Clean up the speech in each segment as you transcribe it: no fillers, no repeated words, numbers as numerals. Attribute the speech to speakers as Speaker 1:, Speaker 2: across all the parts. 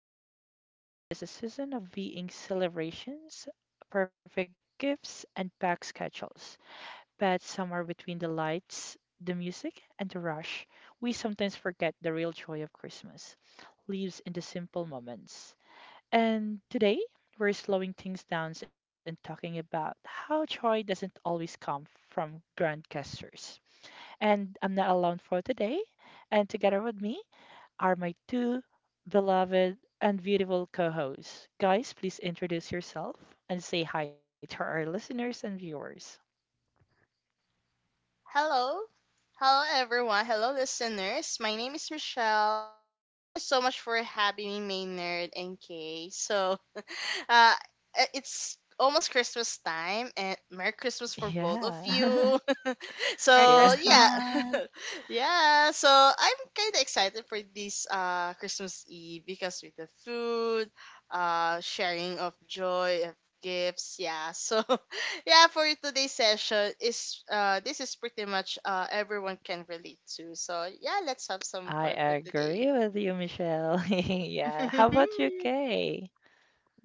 Speaker 1: is often painted as a season of being celebrations, perfect gifts, and packed schedules. But somewhere between the lights, the music, and the rush, we sometimes forget the real joy of Christmas lives in the simple moments. And today, we're slowing things down and talking about how joy doesn't always come from grand gestures. And I'm not alone for today. And together with me are my two beloved and beautiful co hosts. Guys, please introduce yourself and say hi to our listeners and viewers.
Speaker 2: Hello. Hello, everyone. Hello, listeners. My name is Michelle, and thank you so much for having me, Maynard and Kay. Uh, it's almost Christmas time, and Merry Christmas for both of
Speaker 1: Yeah.
Speaker 2: you.
Speaker 3: Merry
Speaker 1: Yeah.
Speaker 2: so yeah,
Speaker 3: Christmas.
Speaker 2: yeah. So I'm kind of excited for this Christmas Eve because with the food, sharing of joy of gifts. Yeah. So yeah, for today's session is this is pretty much everyone can relate to. So yeah, let's have some
Speaker 1: I
Speaker 2: part for today.
Speaker 1: agree with you, Michelle. Yeah. How about you, Kay?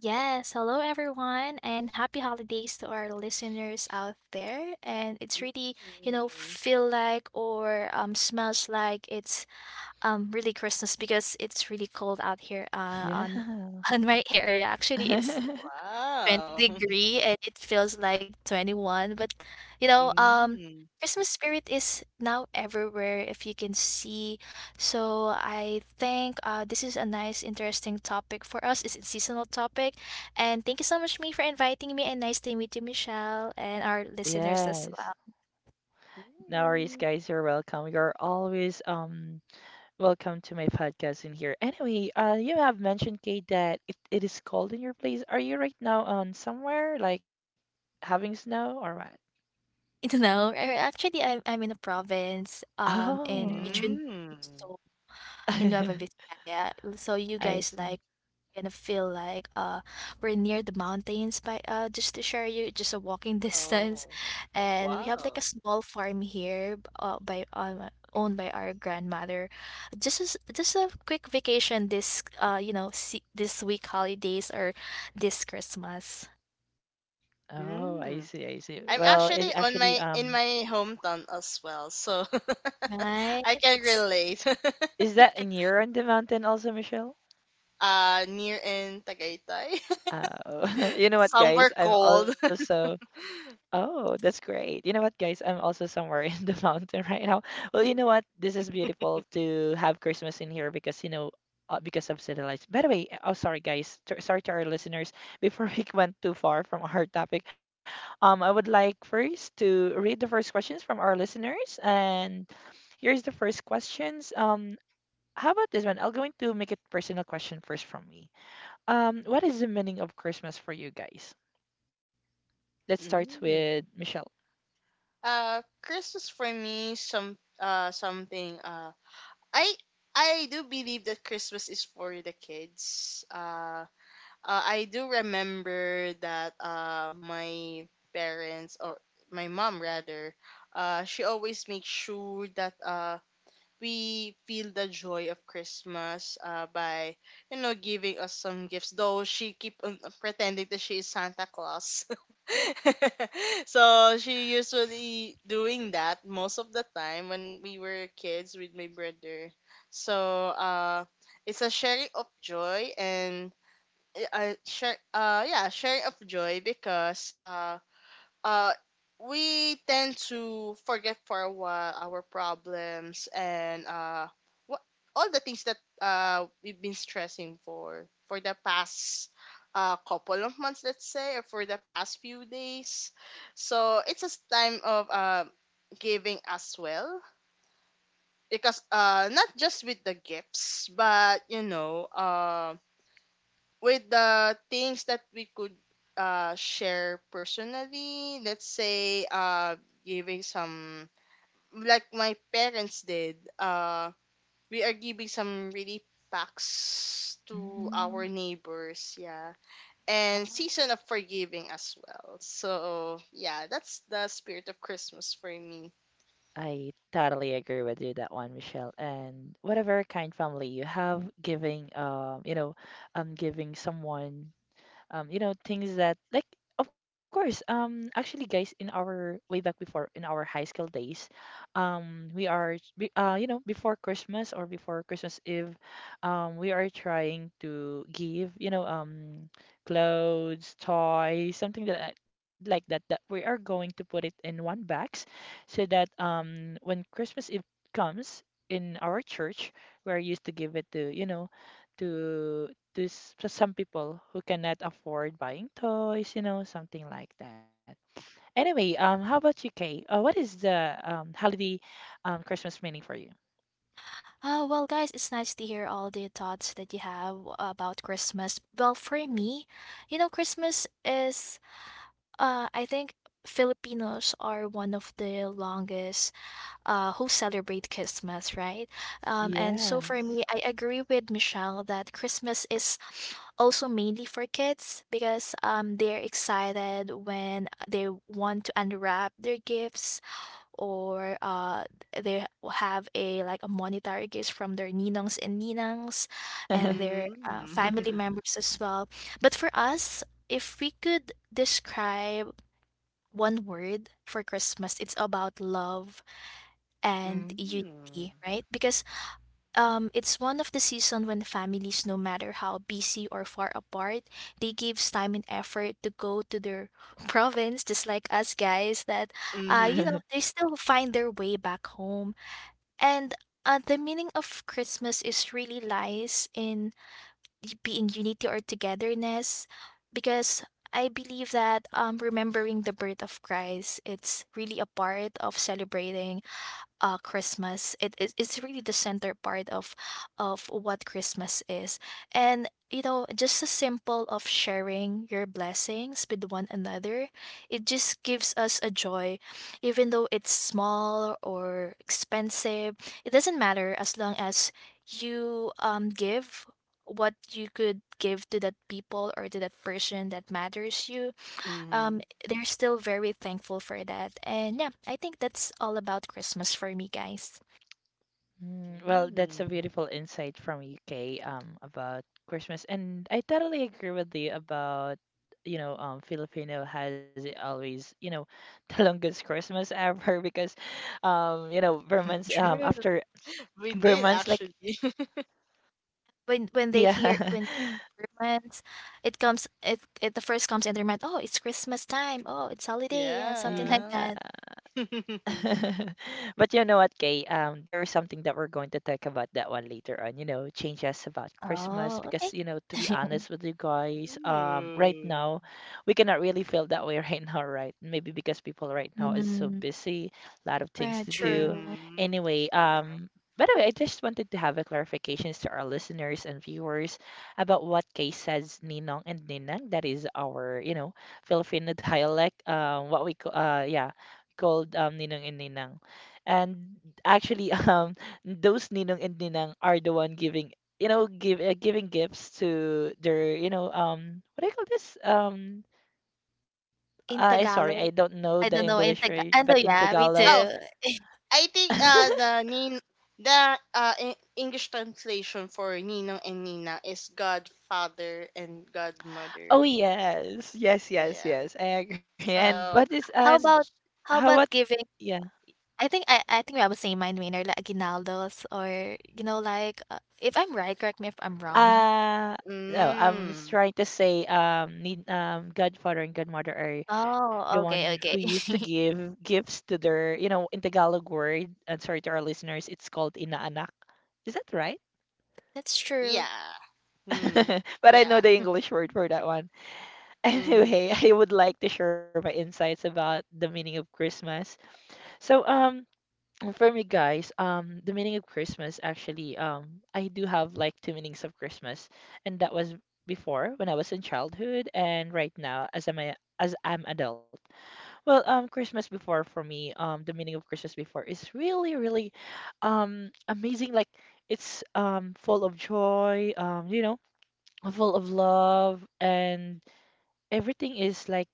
Speaker 3: Yes, hello everyone and happy holidays to our listeners out there. And it's really,
Speaker 2: Mm.
Speaker 3: feel like or smells like it's really Christmas because it's really cold out here on
Speaker 1: Yeah.
Speaker 3: on my area. Actually, it's
Speaker 2: Wow.
Speaker 3: 20° degree and it feels like 21, but you know um
Speaker 2: Mm.
Speaker 3: Christmas spirit is now everywhere if you can see. So I think this is a nice interesting topic for us. It's a seasonal topic, and thank you so much me for inviting me, and nice to meet you, Michelle, and our listeners as
Speaker 1: Yes.
Speaker 3: well.
Speaker 1: No worries,
Speaker 2: Mm.
Speaker 1: guys. You're welcome. You're always welcome to my podcast in here. Anyway, you have mentioned, Kate, that it is cold in your place. Are you right now on somewhere like having snow or what?
Speaker 3: Actually, I'm in a province in
Speaker 1: Oh,
Speaker 3: region two,
Speaker 2: Mm.
Speaker 3: so in
Speaker 1: I
Speaker 3: Nueva Vizcaya. So you guys
Speaker 1: see.
Speaker 3: like gonna feel like we're near the mountains by just to share you just a walking distance.
Speaker 2: Oh,
Speaker 3: And we have like a
Speaker 2: wow.
Speaker 3: small farm here by owned by our grandmother, just as just a quick vacation this, this week holidays or this Christmas.
Speaker 1: Oh, I see. I
Speaker 2: Mm.
Speaker 1: see. Well,
Speaker 2: I'm
Speaker 1: it's
Speaker 2: actually
Speaker 1: actually
Speaker 2: on my
Speaker 1: um,
Speaker 2: in my hometown as well, so
Speaker 3: Right.
Speaker 2: I can
Speaker 3: it's
Speaker 2: relate.
Speaker 1: Is that
Speaker 3: If it's
Speaker 1: near on the mountain also, Michelle?
Speaker 2: Near in Tagaytay,
Speaker 1: You know what,
Speaker 2: somewhere
Speaker 1: guys? I'm
Speaker 2: cold.
Speaker 1: also Oh, that's great. You know what, guys? I'm also somewhere in the mountain right now. Well, you know what? This is beautiful to have Christmas in here because, you know, because of city lights. By the way, oh, sorry, guys. T sorry to our listeners. Before we went too far from our topic, I would like first to read the first questions from our listeners. And here's the first questions. How about this one? I'll going to make it personal question first from me. What is the meaning of Christmas for you guys? Let's start
Speaker 2: Mm.
Speaker 1: with Michelle.
Speaker 2: Christmas for me, some something. I I do believe that Christmas is for the kids. I do remember that my parents or my mom rather, she always makes sure that we feel the joy of Christmas, by you know giving us some gifts. Though she keep on pretending that she is Santa Claus, so she usually doing that most of the time when we were kids with my brother. So, it's a sharing of joy and eh, share yeah sharing of joy because uh we tend to forget for a while our problems, and what all the things that we've been stressing for the past couple of months, let's say, or for the past few days. So it's a time of giving as well, because not just with the gifts, but you know with the things that we could share personally, let's say, giving some, like my parents did, we are giving some really packs to our
Speaker 1: Mhm.
Speaker 2: neighbors, yeah. And
Speaker 3: small.
Speaker 2: season of forgiving as well. So yeah, that's the spirit of Christmas for me.
Speaker 1: I totally agree with you that one, Michelle. And whatever kind family you have, giving you know, giving someone you know, things that like of course, actually guys in our way back before in our high school days, we are you know, before Christmas or before Christmas Eve, we are trying to give, you know, clothes, toys, something that like that that we are going to put it in one box so that when Christmas Eve comes in our church, we are used to give it to, you know, to there's just some people who cannot afford buying toys, you know, something like that. Anyway, how about you, Kay? What is the holiday Christmas meaning for you?
Speaker 3: Oh, well, guys, it's nice to hear all the thoughts that you have about Christmas. Well, for me, Christmas is. I think Filipinos are one of the longest who celebrate Christmas, right? And so for me, I
Speaker 1: Yes.
Speaker 3: agree with Michelle that Christmas is also mainly for kids because they're excited when they want to unwrap their gifts, or they have a like a monetary gift from their ninongs and ninangs and their family
Speaker 2: Mm-hmm.
Speaker 3: members as well. But for us, if we could describe one word for Christmas, it's about love and
Speaker 2: Mm.
Speaker 3: unity, right? Because it's one of the season when families, no matter how busy or far apart, they gives time and effort to go to their province, just like us guys. That
Speaker 2: Mm-hmm.
Speaker 3: they still find their way back home. And the meaning of Christmas is really lies in being unity or togetherness because I believe that remembering the birth of Christ, it's really a part of celebrating Christmas. It's really the center part of what Christmas is, and just a simple of sharing your blessings with one another. It just gives us a joy, even though it's small or expensive. It doesn't matter as long as you give what you could give to that people or to that person that matters you.
Speaker 2: Mm-hmm.
Speaker 3: um, they're still very thankful for that. And yeah, I think that's all about Christmas for me, guys.
Speaker 1: Mm, well, that's a
Speaker 2: Mm.
Speaker 1: beautiful insight from UK about Christmas, and I totally agree with you about you know Filipino has always you know the longest Christmas ever because you know Burmans
Speaker 3: True.
Speaker 1: after
Speaker 2: We did
Speaker 1: Burmans like
Speaker 2: actually.
Speaker 3: When they hear,
Speaker 1: yeah
Speaker 3: when they, it comes, it the first comes in their mind. Oh, it's Christmas time. Oh, it's holiday. Yeah, something
Speaker 2: Yeah.
Speaker 1: Yeah.
Speaker 3: like that.
Speaker 1: But you know what, Kay? There's something that we're going to talk about that one later on, you know, changes about Christmas
Speaker 3: Oh, okay.
Speaker 1: because, you know, to be honest with you guys, right
Speaker 2: Ooh.
Speaker 1: now we cannot really feel that way right now, right? Maybe because people right now is so
Speaker 3: Mm.
Speaker 1: busy, a lot of things
Speaker 3: Right.
Speaker 1: to do.
Speaker 3: True.
Speaker 2: Mm-hmm.
Speaker 1: Anyway,
Speaker 2: Sure.
Speaker 1: by the way, I just wanted to have a clarifications to our listeners and viewers about what Kay says, Ninong and Ninang. That is our, you know, Filipino dialect, what we, yeah called Ninong and Ninang. And actually, those Ninong and Ninang are the one giving, you know, give giving gifts to their, you know, what do you call this? I
Speaker 3: In
Speaker 1: sorry, I don't
Speaker 3: Tagalog,
Speaker 1: know the
Speaker 3: I don't know
Speaker 1: English
Speaker 3: in
Speaker 1: word,
Speaker 3: Tagalog.
Speaker 1: but
Speaker 3: I know.
Speaker 1: in
Speaker 3: Yeah, me
Speaker 1: Tagalog.
Speaker 2: Oh,
Speaker 3: too.
Speaker 2: I think uh the Nin the uh E- English translation for Ninong and Nina is godfather and
Speaker 1: Oh
Speaker 2: godmother.
Speaker 1: yes, yes,
Speaker 2: So
Speaker 1: yes,
Speaker 2: yeah.
Speaker 1: yes. I agree. And what
Speaker 2: So,
Speaker 1: is and
Speaker 3: How
Speaker 2: so,
Speaker 3: about
Speaker 1: how
Speaker 3: how
Speaker 1: what
Speaker 3: about giving.
Speaker 1: yeah?
Speaker 3: I think I was saying mine winner like aguinaldos, or like if I'm right, correct me if I'm wrong.
Speaker 1: Uh, no,
Speaker 2: mm,
Speaker 1: trying to say need godfather and godmother are the
Speaker 3: Oh,
Speaker 1: one
Speaker 3: okay,
Speaker 1: who
Speaker 3: okay.
Speaker 1: used to give gifts to their, you know, in Tagalog word, and sorry to our listeners, it's called inaanak. Is that right?
Speaker 3: That's true.
Speaker 2: yeah. Mm,
Speaker 1: But I know
Speaker 2: yeah.
Speaker 1: the English word for that one.
Speaker 2: Mm-hmm.
Speaker 1: Anyway, I would like to share my insights about the meaning of Christmas. So, And for me, guys, the meaning of Christmas actually, I do have like two meanings of Christmas, and that was before when I was in childhood, and right now as I'm adult. Well, Christmas before for me, the meaning of Christmas before is really, really, amazing. Like it's full of joy, you know, full of love and everything is like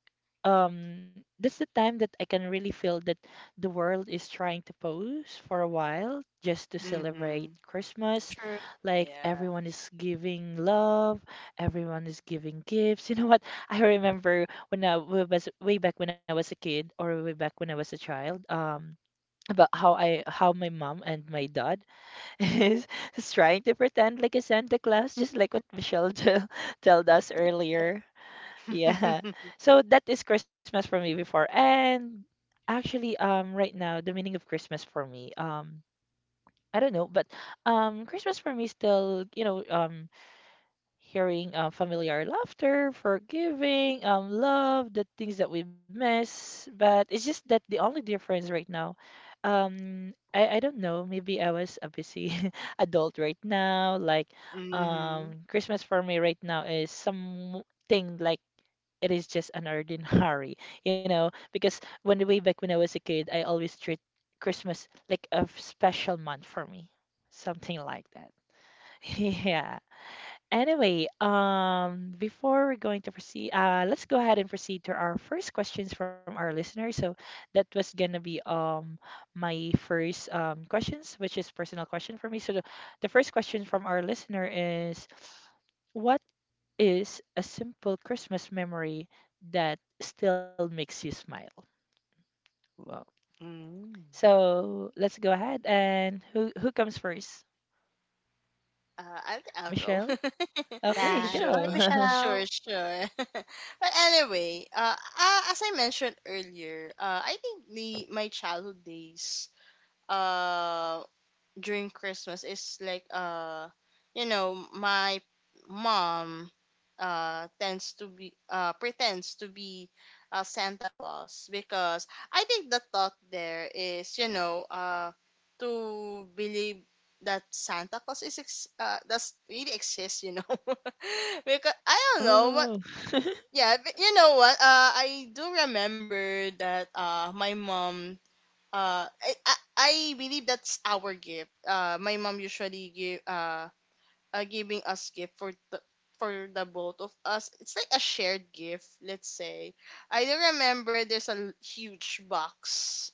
Speaker 1: that's the time that I can really feel that the world is trying to pause for a while just to celebrate
Speaker 2: Mm-hmm.
Speaker 1: Christmas.
Speaker 3: True.
Speaker 1: Like
Speaker 2: Yeah.
Speaker 1: everyone is giving love, everyone is giving gifts. You know what? I remember when I was way back when I was a kid or way back when I was a child, about how my mom and my dad is, is trying to pretend like a Santa Claus, just like
Speaker 3: Mm,
Speaker 1: what Michelle told us
Speaker 3: cute.
Speaker 1: earlier. Yeah. So that is Christmas for me before. And actually, right now, the meaning of Christmas for me, I don't know, but Christmas for me still, you know, hearing familiar laughter, forgiving, love, the things that we miss. But it's just that the only difference right now, I don't know, maybe I was a busy adult right now. Like,
Speaker 2: Mm-hmm.
Speaker 1: Christmas for me right now is something like it is just an ordinary, you know, because when way back when I was a kid, I always treat Christmas like a special month for me, something like that. Yeah. Anyway, before we're going to proceed, let's go ahead and proceed to our first questions from our listeners. So that was gonna be my first questions, which is personal question for me. So the first question from our listener is, what? Is a simple Christmas memory that still makes you smile. Wow.
Speaker 2: Mm-hmm.
Speaker 1: So let's go ahead and who comes first?
Speaker 2: I think I'll go.
Speaker 1: Michelle? Okay,
Speaker 3: Yeah. Go ahead,
Speaker 1: go.
Speaker 2: Sure, sure,
Speaker 3: Michelle.
Speaker 2: sure. But anyway, as I mentioned earlier, I think the my childhood days, uh, during Christmas is like you know my mom tends to be pretends to be Santa Claus, because I think the thought there is you know to believe that Santa Claus does really exists, you know. Because I don't know, but
Speaker 1: Oh,
Speaker 2: yeah, but you know what, I do remember that my mom, I believe that's our gift. My mom usually give, giving us gift for the both of us. It's like a shared gift, let's say. I do remember there's a huge box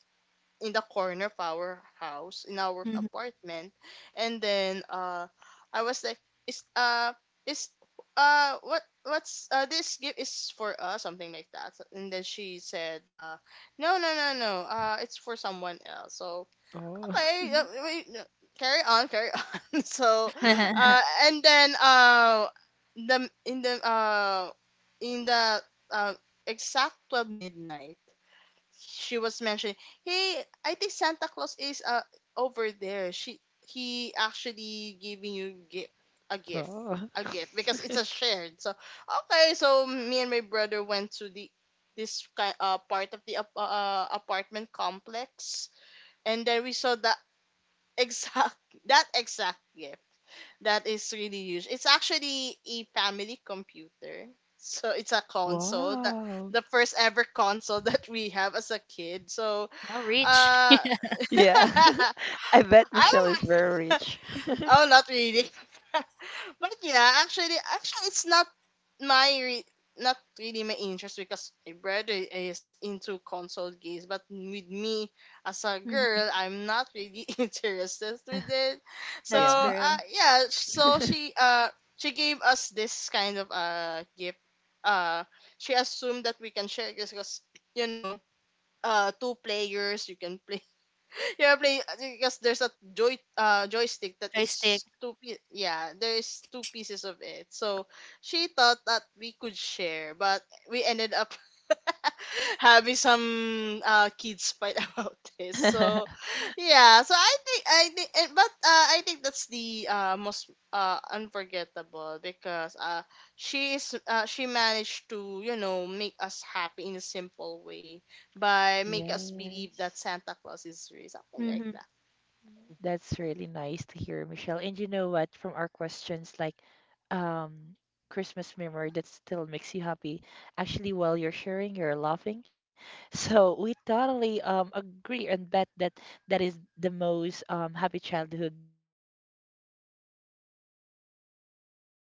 Speaker 2: in the corner of our house in our
Speaker 3: Mhm.
Speaker 2: apartment, and then I was like is uh is what what's this gift is for us, something like that. So, and then she said, no no no no, it's for someone else. So
Speaker 1: oh,
Speaker 2: okay, carry on, carry on. So and then the in the in the uh exact 12 midnight, she was mentioning, "Hey, I think Santa Claus is over there. She he actually giving you a gift,
Speaker 1: oh,
Speaker 2: a gift because it's a shared." So okay, so me and my brother went to the this kind part of the apartment complex, and then we saw the exact that exact gift that is really huge. It's actually a family computer. So it's a console that
Speaker 1: wow.
Speaker 2: the first ever console that we have as a kid. So
Speaker 3: Well, reach.
Speaker 2: uh,
Speaker 1: Yeah.
Speaker 2: I
Speaker 1: I bet Michelle
Speaker 2: don't
Speaker 1: is very
Speaker 2: know.
Speaker 1: rich.
Speaker 2: Oh, not really. But yeah, actually, it's my re- not really my interest because my brother is into console games. But with me as a
Speaker 3: Mhm.
Speaker 2: girl, I'm not really interested with it. So
Speaker 3: That's
Speaker 1: Yeah.
Speaker 2: uh,
Speaker 3: true.
Speaker 2: yeah, so she gave us this kind of gift. Uh, she assumed that we can share this because you know two players you can play. Yeah, play because there's a joystick that
Speaker 3: Joystick.
Speaker 2: is yeah, there is two pieces of it. So she thought that we could share, but we ended up having some kids fight about this. So yeah, so I think that's the most unforgettable, because she is she managed to, you know, make us happy in a simple way by make us believe
Speaker 1: Yes.
Speaker 2: that Santa Claus is real, something like that.
Speaker 1: That's really nice to hear, Michelle. And you know what? From our questions, like um, Christmas memory that still makes you happy, actually, while you're sharing, you're laughing. So we totally agree and bet that that is the most happy childhood memories Christmas you have, right? Okay.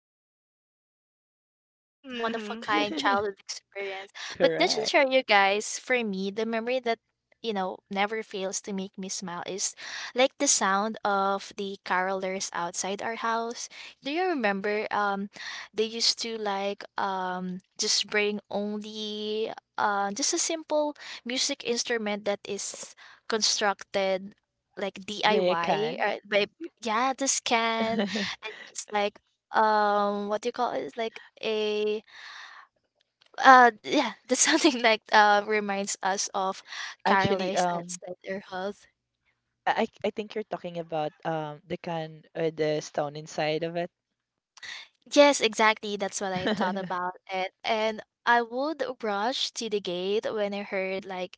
Speaker 3: Yeah, that's totally true, Michelle. It's one of a
Speaker 2: Hmm.
Speaker 3: kind childhood experience. But just to
Speaker 1: Correct.
Speaker 3: share you guys, for me, the memory that never fails to make me smile is like the sound of the carolers outside our house. Do you remember? They used to like just bring only just a simple music instrument that is constructed like
Speaker 1: But
Speaker 3: DIY
Speaker 1: can.
Speaker 3: by, yeah, the scan, and just like what do you call it? It's like a yeah, that's something like reminds us of
Speaker 1: Actually,
Speaker 3: carolers
Speaker 1: um,
Speaker 3: at Center Halls.
Speaker 1: I I I think you're talking about the can the stone inside of it.
Speaker 3: Yes, exactly. That's what I thought about it. And I would rush to the gate when I heard like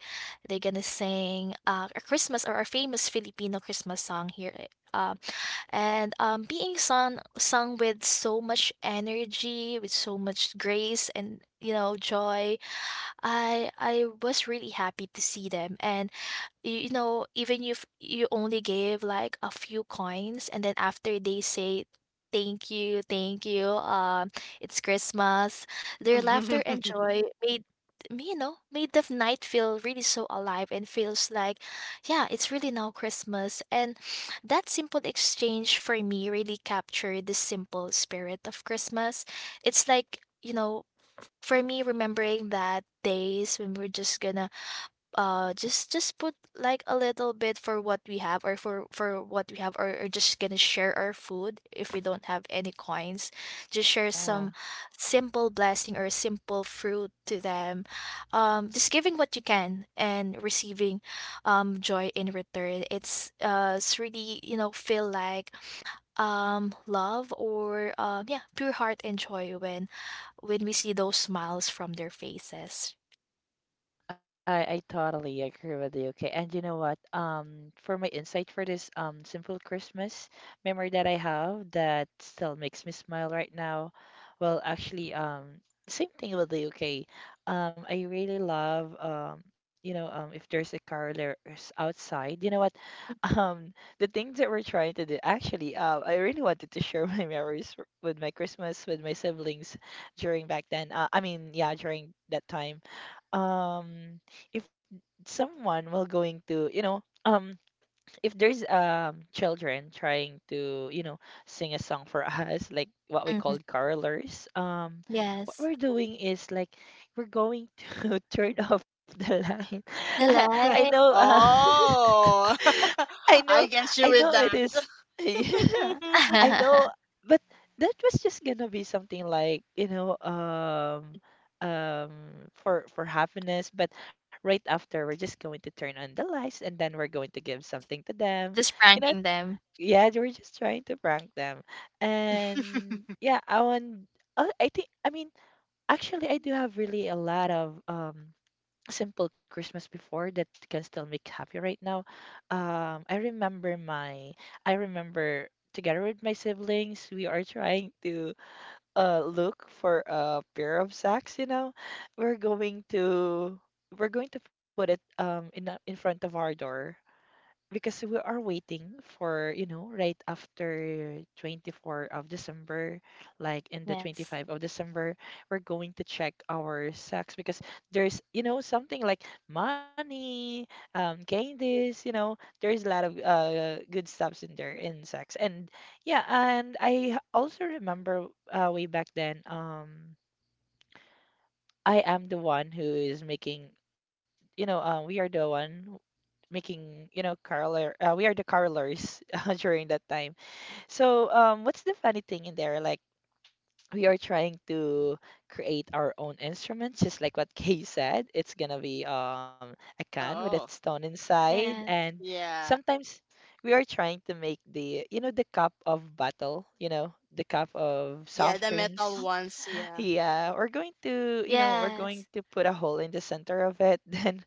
Speaker 3: they're gonna sing a Christmas or a famous Filipino Christmas song here um, and being sung with so much energy, with so much grace, and you know joy. I was really happy to see them, and even if you only gave like a few coins, and then after they say thank you, it's Christmas. Their laughter and joy made me, made the night feel really so alive, and feels like, yeah, it's really now Christmas. And that simple exchange for me really captured the simple spirit of Christmas. It's like, for me, remembering that days when we're just gonna just put like a little bit for what we have or for what we have or just gonna share our food if we don't have any coins, just share some
Speaker 1: Yeah.
Speaker 3: simple blessing or simple fruit to them. Just giving what you can and receiving joy in return, it's really feel like love or yeah, pure heart and joy when we see those smiles from their faces.
Speaker 1: I totally agree with you. Okay, and you know what? For my insight for this simple Christmas memory that I have that still makes me smile right now, well, actually, same thing with the UK. I really love you know, if there's a carolers outside, you know what?
Speaker 3: Mm.
Speaker 1: Um, the things that we're trying to do. Actually, I really wanted to share my memories with my Christmas with my siblings during back then. I mean, yeah, during that time um if someone will going to you know um if there's children trying to you know sing a song for us like what we
Speaker 3: Mhm.
Speaker 1: call carolers what
Speaker 3: Yes.
Speaker 1: we're doing is like we're going to turn off the line I,
Speaker 3: The
Speaker 1: I
Speaker 3: light.
Speaker 1: know uh
Speaker 2: Oh,
Speaker 1: I know,
Speaker 2: I can
Speaker 1: I
Speaker 2: you with
Speaker 1: know it
Speaker 2: that.
Speaker 1: is. Yeah, I know, but that was just gonna be something like, you know, for happiness. But right after, we're just going to turn on the lights, and then we're going to give something to them.
Speaker 3: Just
Speaker 1: You know,
Speaker 3: pranking them.
Speaker 1: yeah, we're just trying to prank them, and yeah, I want. I think, I mean, actually, I do have really a lot of simple Christmas before that can still make happy right now. Um, I remember my, I remember together with my siblings, we are trying to look for a pair of socks, you know. We're going to we're going to put it in front of our door because we are waiting for, you know, right after 24th of December, like in the
Speaker 3: Yes.
Speaker 1: 25th of December, we're going to check our sacks because there's, you know, something like money, candies, you know, there's a lot of good stuffs in there in sacks. And yeah, and also remember way back then, I am the one who is making, you know, we are the one making, you know, caroler. We are the carolers during that time. So, what's the funny thing in there? Like, we are trying to create our own instruments, just like what Kay said. It's gonna be a can with a
Speaker 2: Oh,
Speaker 1: stone inside,
Speaker 3: Yeah.
Speaker 1: and
Speaker 2: yeah,
Speaker 1: sometimes we are trying to make the cup of battle, you know, the cup of
Speaker 2: yeah,
Speaker 1: soft
Speaker 2: the
Speaker 3: Oh,
Speaker 2: metal
Speaker 1: drinks.
Speaker 2: ones, yeah.
Speaker 1: Yeah, we're going
Speaker 3: yes.
Speaker 1: to, you know, we're going to put a hole in the center of it. Then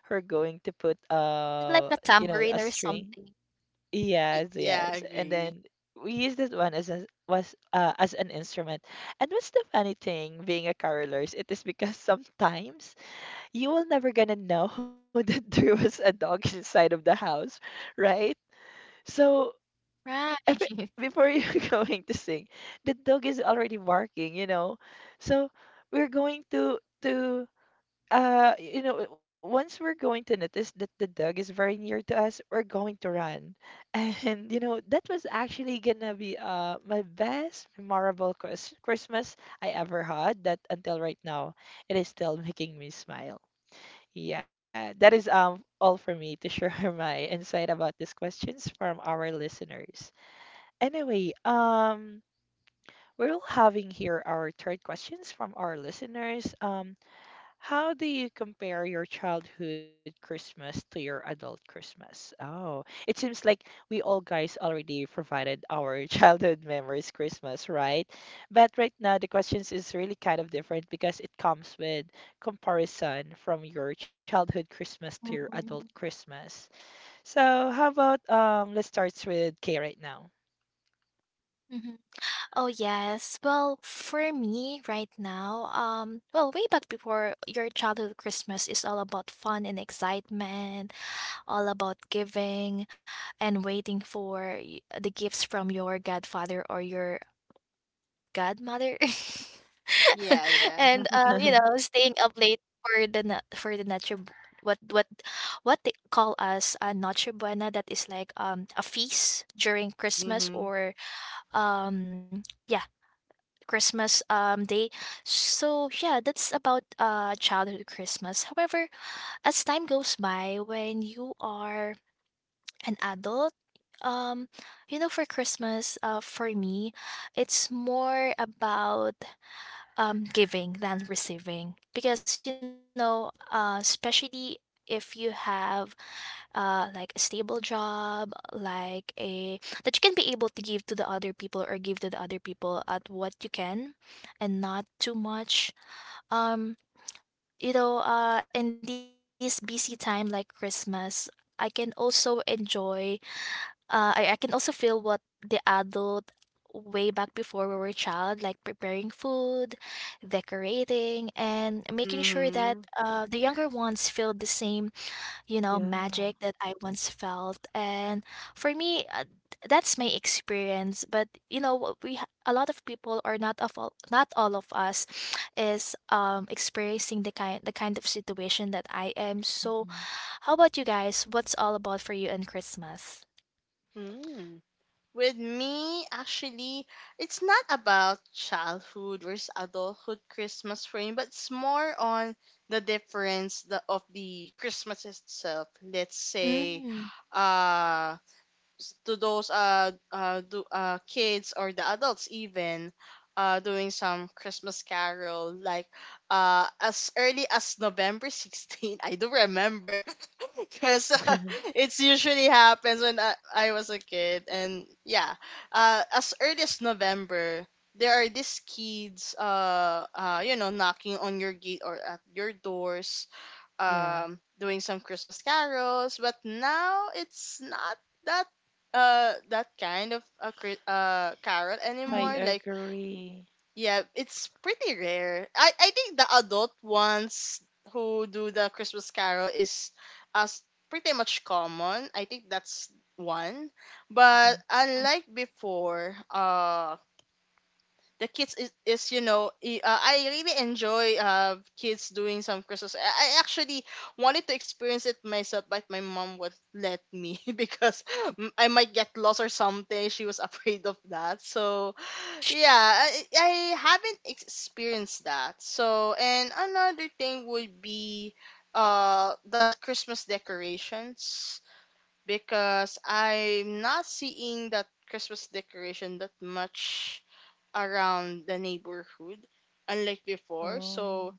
Speaker 1: we're going to put
Speaker 3: Is it like a tambourine
Speaker 1: you
Speaker 3: or
Speaker 1: know, a
Speaker 3: something?
Speaker 1: string.
Speaker 2: Y-
Speaker 1: Yes,
Speaker 2: yeah, I
Speaker 1: yes. And
Speaker 2: agree.
Speaker 1: then we use this one as a, was as an instrument. And what's the funny thing being a carolers? It is because sometimes you will never gonna know that there was a dog inside of the house, right? So
Speaker 3: Right.
Speaker 1: every, before you're going to sing, the dog is already barking. So we're going to once we're going to notice that the dog is very near to us, we're going to run. And you know that was actually gonna be my best memorable Christmas I ever had. That until right now, it is still making me smile. Yeah, that is all for me to share my insight about these questions from our listeners. Anyway, we're all having here our third questions from our listeners. How do you compare your childhood Christmas to your adult Christmas? Oh, it seems like we all guys already provided our childhood memories Christmas, right? But right now the questions is really kind of different because it comes with comparison from your childhood Christmas to your adult
Speaker 3: Mm.
Speaker 1: Christmas. So how about let's start with Kay right now.
Speaker 3: Mhm. Oh, yes. Well, for me right now, well, way back before, your childhood Christmas is all about fun and excitement, all about giving and waiting for the gifts from your godfather or your godmother.
Speaker 2: Yeah, yeah.
Speaker 3: and uh, you know, staying up late for the for the what what what they call us a noche buena, that is like a feast during Christmas,
Speaker 2: Mm-hmm.
Speaker 3: or yeah, Christmas day. So yeah, that's about childhood Christmas. However, as time goes by, when you are an adult, um, for Christmas, for me, it's more about giving than receiving because especially if you have like a stable job like a that you can be able to give to the other people, or give to the other people at what you can, and not too much. um in this busy time like Christmas, I can also enjoy I can also feel what the adult way back before we were child, like preparing food, decorating, and making sure that
Speaker 2: Mm-hmm.
Speaker 3: the younger ones feel the same,
Speaker 1: Yeah.
Speaker 3: magic that I once felt. And for me, that's my experience. But what a lot of people, or not all of us is experiencing the kind of situation that I am. So,
Speaker 1: Mhm.
Speaker 3: how about you guys? What's all about for you in Christmas?
Speaker 2: Mm. With me, actually, it's not about childhood versus adulthood Christmas for me, but it's more on the difference the, of the Christmas itself. Let's say,
Speaker 3: Mm,
Speaker 2: uh, to those kids or the adults even, doing some Christmas carol like as early as November 16. I do remember because, it's usually happens when I was a kid. And yeah, as early as November, there are these kids, you know, knocking on your gate or at your doors,
Speaker 1: Yeah,
Speaker 2: doing some Christmas carols. But now it's not that that kind of a carol
Speaker 1: I
Speaker 2: anymore.
Speaker 3: mm,
Speaker 2: Like
Speaker 1: agree.
Speaker 2: yeah, it's pretty rare. I think the adult ones who do the Christmas Carol is as pretty much common. I think that's one. But
Speaker 1: Mhm.
Speaker 3: mm,
Speaker 2: unlike before, the kids is you know I really enjoy kids doing some Christmas. I actually wanted to experience it myself, but my mom would let me because I might get lost or something. She was afraid of that, so yeah, I haven't experienced that. So, and another thing would be the Christmas decorations, because I'm not seeing that Christmas decoration that much around the neighborhood unlike before.
Speaker 1: Oh,
Speaker 2: So,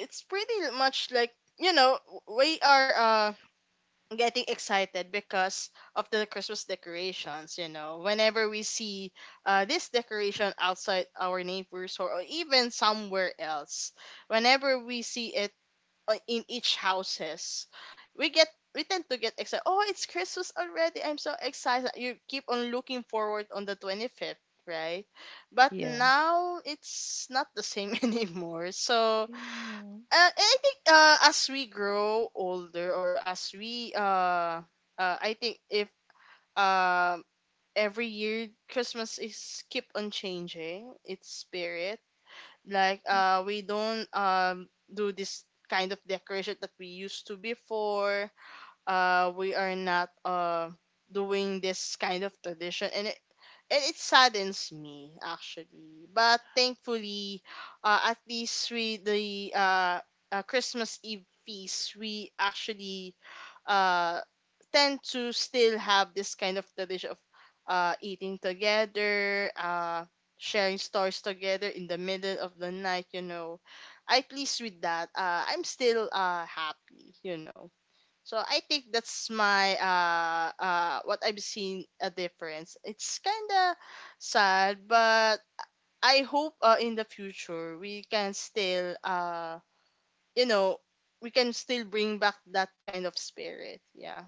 Speaker 2: it's pretty much like, you know, we are, getting excited because of the Christmas decorations. You know, whenever we see, this decoration outside our neighbors, or even somewhere else, whenever we see it, in each houses, we get we tend to get excited. Oh, it's Christmas already! I'm so excited. You keep on looking forward on the 25th. Right, but
Speaker 1: yeah.
Speaker 2: now it's not the same anymore. So,
Speaker 1: Yeah.
Speaker 2: and I think, as we grow older or as we, I think if um every year Christmas is keep on changing its spirit. Like
Speaker 3: mm.
Speaker 2: we don't do this kind of decoration that we used to before. We are not doing this kind of tradition, and it saddens me actually. But thankfully, at least we the, Christmas Eve feast, we actually uh tend to still have this kind of tradition of eating together, sharing stories together in the middle of the night, you know. At least with that, I'm still happy, you know. So I think that's my what I've seen a difference. It's kind of sad, but I hope, in the future we can still, you know, we can still bring back that kind of spirit. Yeah.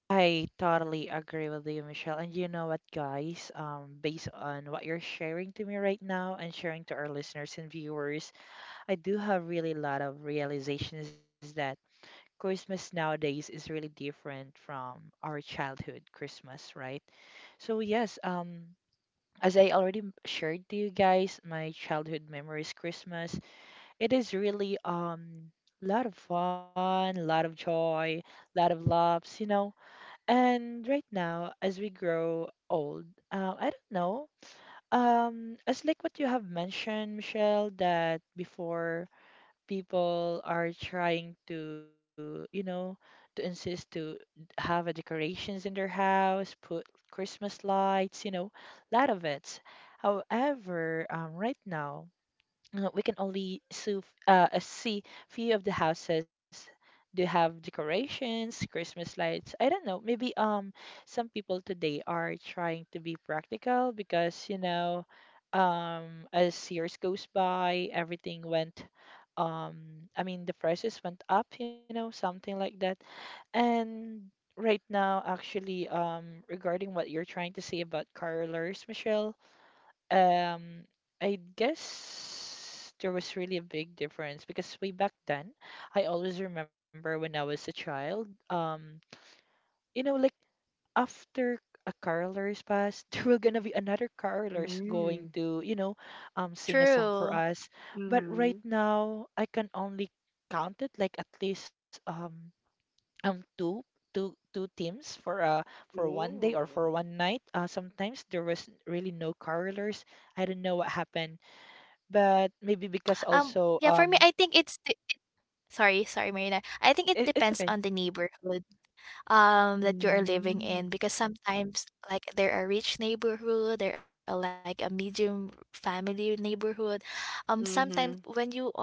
Speaker 1: I totally agree with you, Michelle. And you know what, guys? Based on what you're sharing to me right now and sharing to our listeners and viewers, I do have really a lot of realizations that Christmas nowadays is really different from our childhood Christmas, right? So yes, as I already shared to you guys, my childhood memories Christmas. It is really lot of fun, a lot of joy, a lot of laughs, you know. And right now, as we grow old, I don't know. As like what you have mentioned, Michelle, that before people are trying to, you know, to insist to have a decorations in their house, put Christmas lights, you know, lot of it. However, right now. We can only see few of the houses do have decorations, Christmas lights. I don't know. Maybe some people today are trying to be practical because you know as years goes by, everything went I mean the prices went up, you know, something like that. And right now, actually, regarding what you're trying to say about carolers, Michelle. Um, I guess there was really a big difference because way back then, I always remember when I was a child, you know, like after a carolers pass, there were gonna be another carolers
Speaker 2: Mm.
Speaker 1: going to, you know, sing a song for
Speaker 3: True.
Speaker 1: us. But right
Speaker 2: Mhm.
Speaker 1: now, I can only count it like at least um two two teams for 1 day or
Speaker 2: Ooh.
Speaker 1: for one night. Sometimes there was really no carolers. I don't know what happened but maybe because also
Speaker 3: Yeah, for me, I think it's the sorry, sorry, Marina. I
Speaker 1: it,
Speaker 3: think it
Speaker 1: it's okay.
Speaker 3: depends on the neighborhood that you are living in
Speaker 2: Mhm.
Speaker 3: because sometimes like there are rich neighborhood, there are like a medium family neighborhood. Sometimes when
Speaker 2: Mhm.
Speaker 3: you are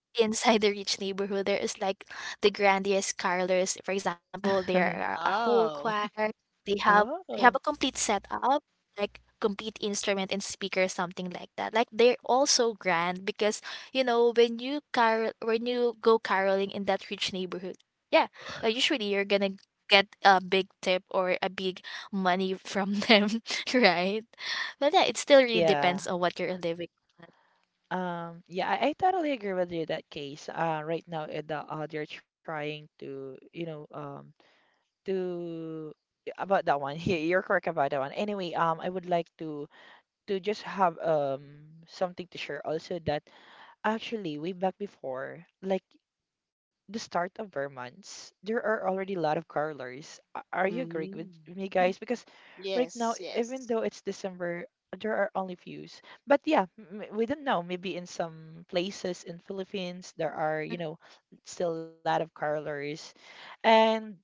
Speaker 3: inside the rich neighborhood, there is like the grandiest carolers. For example, there are a whole
Speaker 2: Wow.
Speaker 3: choir. They have they have a
Speaker 1: Oh.
Speaker 3: complete setup, like complete instrument and speaker, something like that. Like they're all so grand because when you go caroling in that rich neighborhood, yeah, usually you're gonna get a big tip or a big money from them, right? But yeah, it still really
Speaker 1: Yeah.
Speaker 3: depends on what you're living on.
Speaker 1: Yeah, I totally agree with you that case. Right now, they're trying to, you know, to about that one. Yeah, you're correct about that one. Anyway, I would like to just have something to share also that actually way back before, like the start of our months, there are already a lot of carolers. Are you agreeing with
Speaker 2: Mhm.
Speaker 1: me, guys? Because right
Speaker 2: Yes.
Speaker 1: now, even
Speaker 2: Yes.
Speaker 1: though it's December, there are only fews. But yeah, we don't know. Maybe in some places in Philippines, there
Speaker 3: Mhm.
Speaker 1: are, you know, still a lot of carolers. And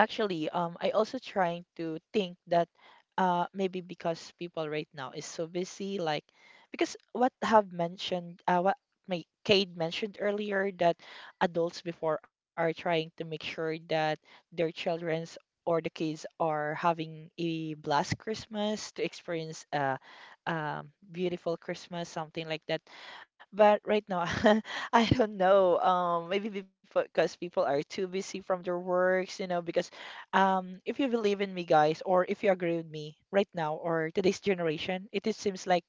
Speaker 1: actually, I also trying to think that maybe because people right now is so busy, like because what have mentioned what my Cade mentioned earlier that adults before are trying to make sure that their children's or the kids are having a blessed Christmas to experience a beautiful Christmas, something like that. But right now, I don't know. Maybe because people are too busy from their works, you know, because if you believe in me, guys, or if you agree with me right now or today's generation, it seems like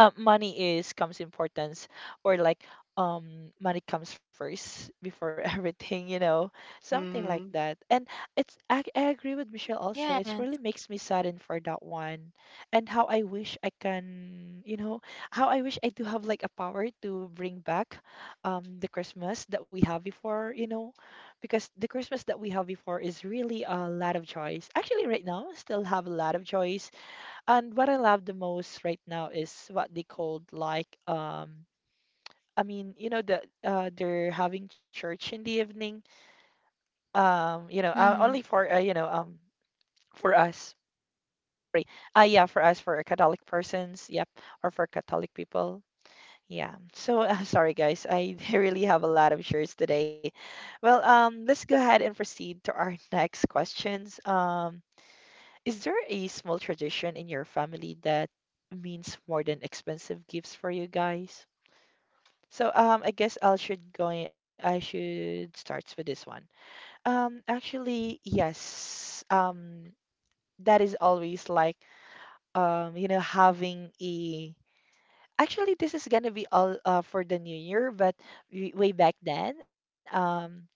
Speaker 1: money is comes importance or like money comes first before everything you know something like
Speaker 2: Mhm.
Speaker 1: that and it's I agree with Michelle
Speaker 3: Yes.
Speaker 1: also. It really makes me saddened for that one and how I wish I can you know how I wish I do have like a power to bring back the Christmas that we have before you know because the Christmas that we have before is really a lot of choice actually right now still have a lot of choice. And what I love the most right now is what they called like you know they're having church in the evening.
Speaker 3: Mhm.
Speaker 1: Only for for us. Sorry. Yeah, for us for Catholic persons, yep, or for Catholic people. Yeah. So sorry guys, I really have a lot of shirts today. Well, let's go ahead and proceed to our next questions. Is there a small tradition in your family that means more than expensive gifts for you guys? So I guess I should start with this one. Actually yes. That is always like you know having a actually this is gonna be all for the new year but way back then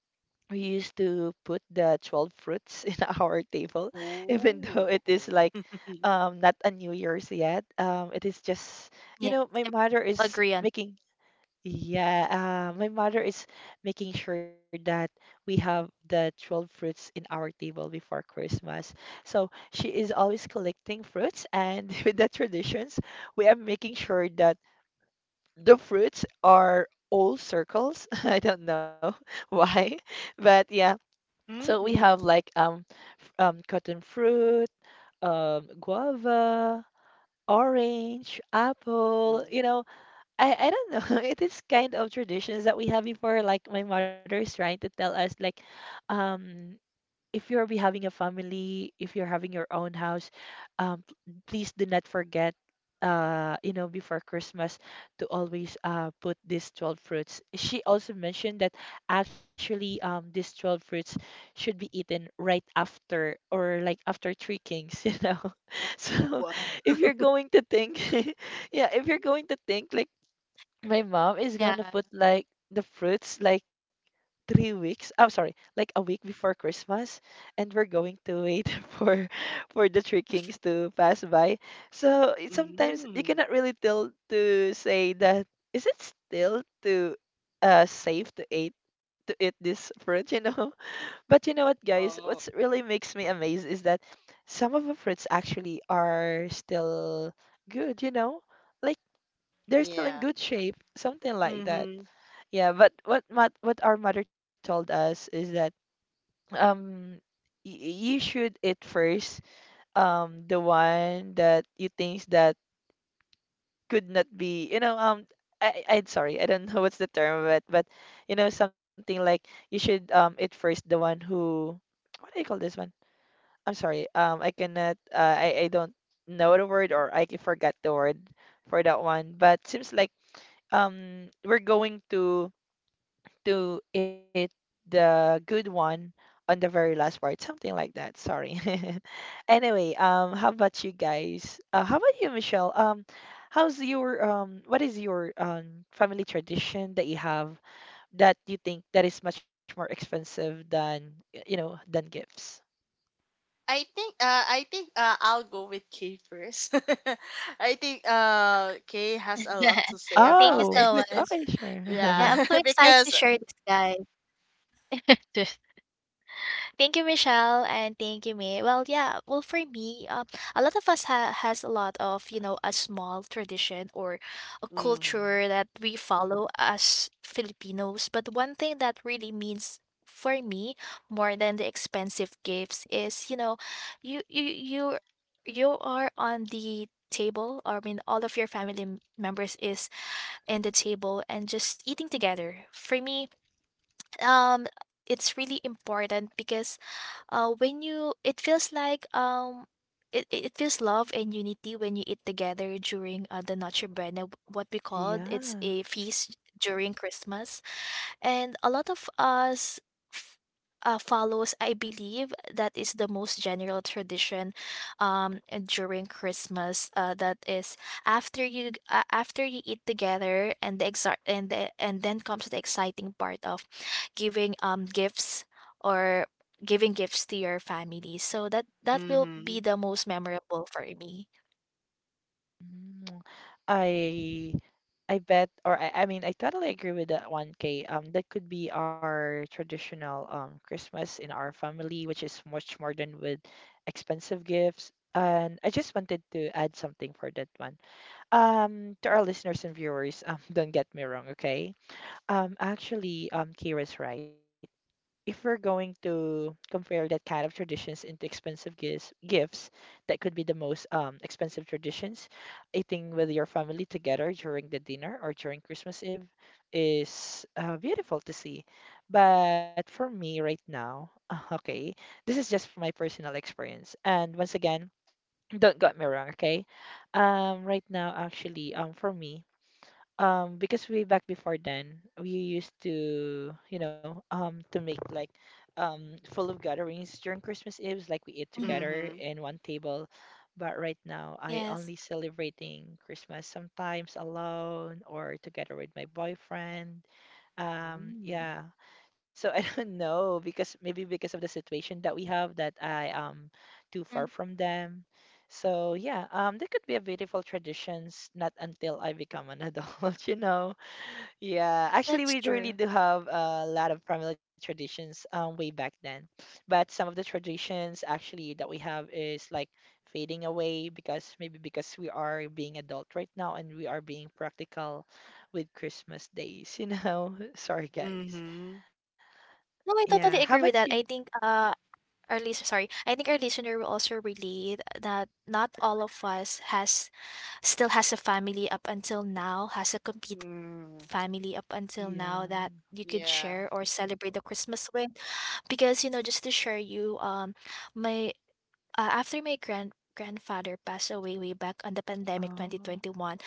Speaker 1: we used to put the 12 fruits in our table, even though it is
Speaker 2: Ooh.
Speaker 1: like not a New Year's yet. It is just, you
Speaker 3: Yes,
Speaker 1: know, my mother
Speaker 3: I
Speaker 1: is
Speaker 3: agree on,
Speaker 1: making, yeah, my mother is making sure that we have the 12 fruits in our table before Christmas. So she is always collecting fruits, and with the traditions, we are making sure that the fruits are all circles. I don't know why. But yeah, so we
Speaker 2: Mhm.
Speaker 1: have like cotton fruit, guava, orange, apple, you know. I don't know. It is kind of traditions that we have before like my mother is trying to tell us like um if you'll be having a family, if you're having your own house, um, p- please do not forget, you know, before Christmas to always put these 12 fruits. She also mentioned that actually these 12 fruits should be eaten right after or like after Three Kings, you know. So
Speaker 2: What?
Speaker 1: if you're going to think, yeah, if you're going to think like my mom is
Speaker 3: yeah.
Speaker 1: gonna put like the fruits like 3 weeks. I'm sorry, like a week before Christmas, and we're going to wait for the Three Kings to pass by. So it- sometimes you
Speaker 2: Mm.
Speaker 1: cannot really tell to say that is it still to safe to eat this fruit, you know? But you know what, guys? What's
Speaker 2: Oh.
Speaker 1: really makes me amazed is that some of the fruits actually are still good, you know? They're still in
Speaker 2: Yeah.
Speaker 1: good shape, something like that.
Speaker 2: Mm-hmm.
Speaker 1: Yeah, but what our mother told us is that um you should eat first the one that you think that could not be you know I sorry I don't know what's the term of it but you know something like you should eat first the one who what do you call this one? I'm sorry I cannot I don't know the word or I forgot the word for that one but seems like we're going to eat the good one on the very last part, something like that. Sorry. Anyway, how about you guys? How about you, Michelle? How's your what is your family tradition that you have that you think that is much more expensive than you know than gifts?
Speaker 2: I think I'll go with Kay first. I think Kay has a lot to say
Speaker 3: Thank you
Speaker 2: about
Speaker 1: Oh,
Speaker 2: it.
Speaker 3: so much.
Speaker 1: okay,
Speaker 3: Yeah, I'm
Speaker 1: sure.
Speaker 2: Yeah,
Speaker 3: so excited to
Speaker 2: because
Speaker 3: share this, guys. Thank you, Michelle, and thank you, May. Well, yeah. Well, for me, a lot of us has a lot of a small tradition or a
Speaker 2: mm-hmm.
Speaker 3: culture that we follow as Filipinos. But one thing that really means for me more than the expensive gifts is, you are on the table. I mean, all of your family members is in the table and just eating together. For me, um, it's really important because when you it feels like it feels love and unity when you eat together during the Noche Buena, what we called it's
Speaker 1: Yeah.
Speaker 3: a feast during Christmas, and a lot of us f- follows, I believe, that is the most general tradition um, during Christmas. That is after you eat together, and the exa- and the, and then comes the exciting part of giving gifts, or giving gifts to your family. So that will
Speaker 2: Mm-hmm.
Speaker 3: be the most memorable for me.
Speaker 1: Mm, I I bet, or I mean, I totally agree with that one, K. That could be our traditional Christmas in our family, which is much more than with expensive gifts. And I just wanted to add something for that one. To our listeners and viewers, don't get me wrong, okay? Actually, Kira's right. If we're going to compare that kind of traditions into expensive gifts that could be the most expensive traditions, eating with your family together during the dinner or during Christmas Eve is beautiful to see. But for me right now, okay, this is just my personal experience. And once again, don't get me wrong, okay? Right now, actually, for me, because way back before then, we used to, to make like full of gatherings during Christmas Eve, like we eat
Speaker 3: Mhm.
Speaker 1: together
Speaker 2: Mm-hmm.
Speaker 1: in one table. But right now, I
Speaker 3: Yes.
Speaker 1: only celebrating Christmas sometimes alone or together with my boyfriend. Yeah. So I don't know because maybe because of the situation that we have that I am too
Speaker 3: Mhm.
Speaker 1: far from them. So yeah, there could be a beautiful traditions, not until I become an adult, you know. Yeah, actually,
Speaker 3: That's
Speaker 1: we really
Speaker 3: true.
Speaker 1: do have a lot of family traditions way back then. But some of the traditions actually that we have is like fading away because maybe because we are being adult right now and we are being practical with Christmas days, you know? Sorry, guys.
Speaker 2: Mm-hmm.
Speaker 3: No, I
Speaker 1: Yeah, how
Speaker 3: totally
Speaker 1: about
Speaker 3: agree with
Speaker 1: you?
Speaker 3: that. I think our listener, sorry, I think our listener will also relate that not all of us has still has a family up until now, has a complete family
Speaker 2: Mm-hmm.
Speaker 3: up until now that
Speaker 1: Yeah.
Speaker 3: you could share or
Speaker 2: Yeah.
Speaker 3: celebrate the Christmas with. Because you know, just to share you, my after my grandfather passed away way back on the pandemic
Speaker 1: Oh,
Speaker 3: 2021,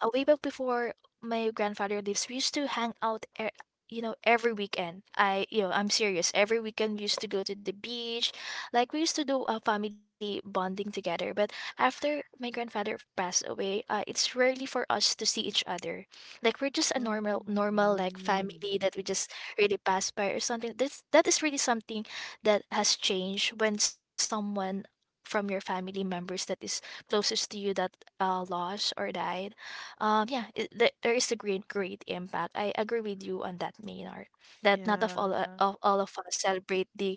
Speaker 3: way back before my grandfather lives, we used to hang out, you know, every weekend. I'm serious. Every weekend we used to go to the beach. Like we used to do a family bonding together. But after my grandfather passed away, it's rarely for us to see each other. Like we're just a normal,
Speaker 1: oh,
Speaker 3: normal like
Speaker 2: Mm-hmm.
Speaker 3: family that we just really pass by or something. This that is really something that has changed when someone from your family members that is closest to you that lost or died. Yeah, there is a great impact. I agree with you on that, Maynard. That not of all
Speaker 1: yeah.
Speaker 3: Of all of us celebrate the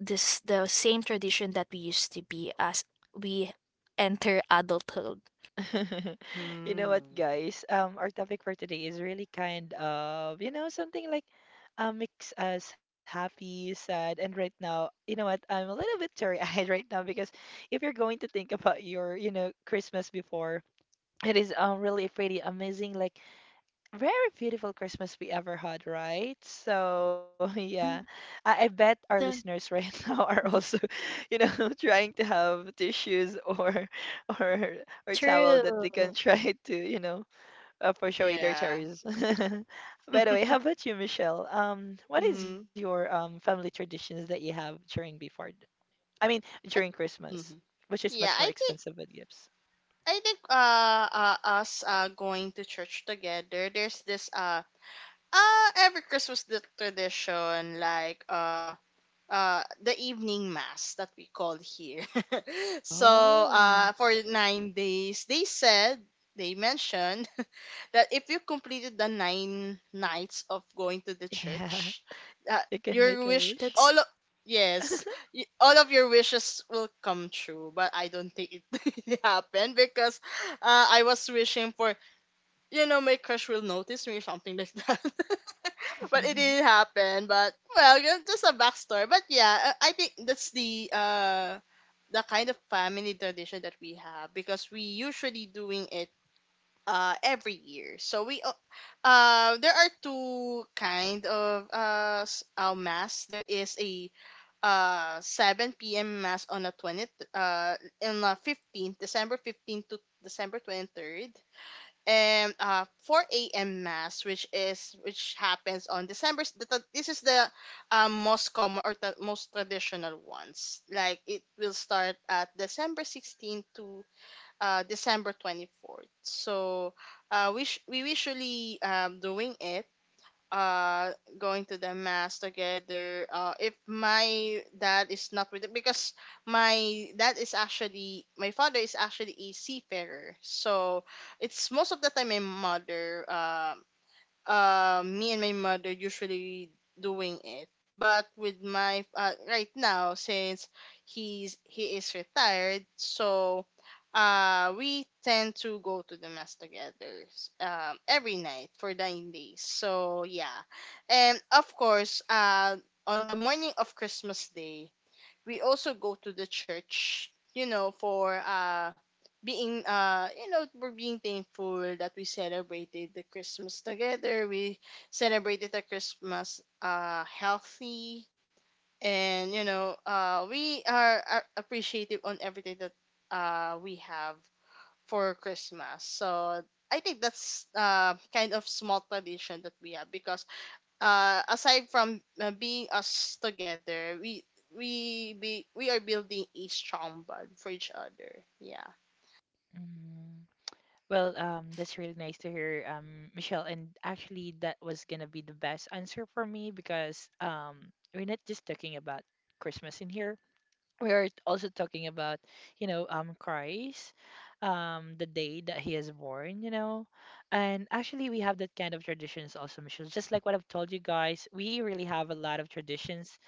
Speaker 3: this the same tradition that we used to be as we enter adulthood.
Speaker 1: You know what,
Speaker 2: Mm-hmm.
Speaker 1: guys? Our topic for today is really kind of, something like makes us happy, sad, and right now, you know what? I'm a little bit teary-eyed right now because if you're going to think about your, Christmas before, it is really pretty amazing. Like very beautiful Christmas we ever had, right? So, yeah,
Speaker 3: Mm,
Speaker 1: I bet our
Speaker 3: the-
Speaker 1: listeners right now are also, you know, trying to have tissues or or or towel
Speaker 3: True.
Speaker 1: that they can try to, push away their
Speaker 2: Yeah.
Speaker 1: terrors. By the way, how about you, Michelle? What is
Speaker 2: Mm-hmm.
Speaker 1: your family traditions that you have during before? I mean, during
Speaker 2: I
Speaker 1: Christmas,
Speaker 2: mm-hmm.
Speaker 1: which is much
Speaker 2: Yeah,
Speaker 1: more
Speaker 2: I think
Speaker 1: expensive with gifts.
Speaker 2: I think uh, uh us going to church together. There's this every Christmas the tradition like the evening mass that we call here. So
Speaker 1: Oh,
Speaker 2: for 9 days they said they mentioned that if you completed the nine nights of going to the
Speaker 1: yeah,
Speaker 2: church,
Speaker 1: you
Speaker 2: that
Speaker 1: can make a
Speaker 2: your wish
Speaker 1: wish.
Speaker 2: all of
Speaker 3: That's
Speaker 2: yes, all of your wishes will come true. But I don't think it happened because, I was wishing for you know my crush will notice me, something like that. But it didn't happen. But well, yeah, just a backstory. But yeah, I think that's the kind of family tradition that we have, because we usually doing it every year. So we there are two kind of, mass. There is a 7 p.m. mass on the 20th uh on the 15th, December 15th to December 23rd, and 4 a.m. Mass which happens on December. This is the most common or the most traditional ones, like it will start at December 16th to December 24th. So we usually doing it, uh, going to the mass together. If my dad is not with it, because my father is actually a seafarer. So it's most of the time my mother me and my mother usually doing it. But with my right now, since he is retired, so we tend to go to the mass together every night for 9 days. So yeah, and of course, on the morning of Christmas Day, we also go to the church, you know, for being you know, for being thankful that we celebrated the Christmas together, we celebrated the Christmas healthy, and you know, we are appreciative on everything that we have for Christmas. So I think that's kind of small tradition that we have, because aside from being us together, we be we are building a strong bond for each other. Yeah,
Speaker 1: Mhm. Well, that's really nice to hear, Michelle. And actually, that was gonna be the best answer for me because we're not just talking about Christmas in here. We are also talking about, Christ, the day that he is born. And actually, we have that kind of traditions also, Michelle. Just like what I've told you guys, we really have a lot of traditions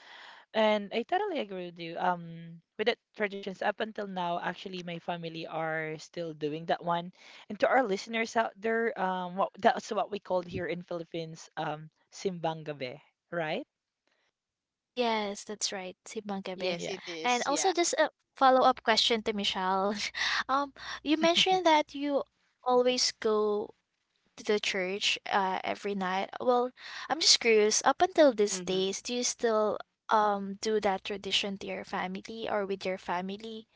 Speaker 1: and I totally agree with you. With the traditions up until now, actually, my family are still doing that one. And to our listeners out there, what that's what we called here in Philippines, simbang gabi, right?
Speaker 3: Yes, that's right. Simbang gabi.
Speaker 2: yes
Speaker 1: Yeah,
Speaker 2: it
Speaker 3: And
Speaker 2: is, yeah.
Speaker 3: also just a follow-up question to Michelle. Um, you mentioned that you always go to the church every night. Well, I'm just curious, up until these
Speaker 2: Mm-hmm.
Speaker 3: days, do you still do that tradition to your family or with your family?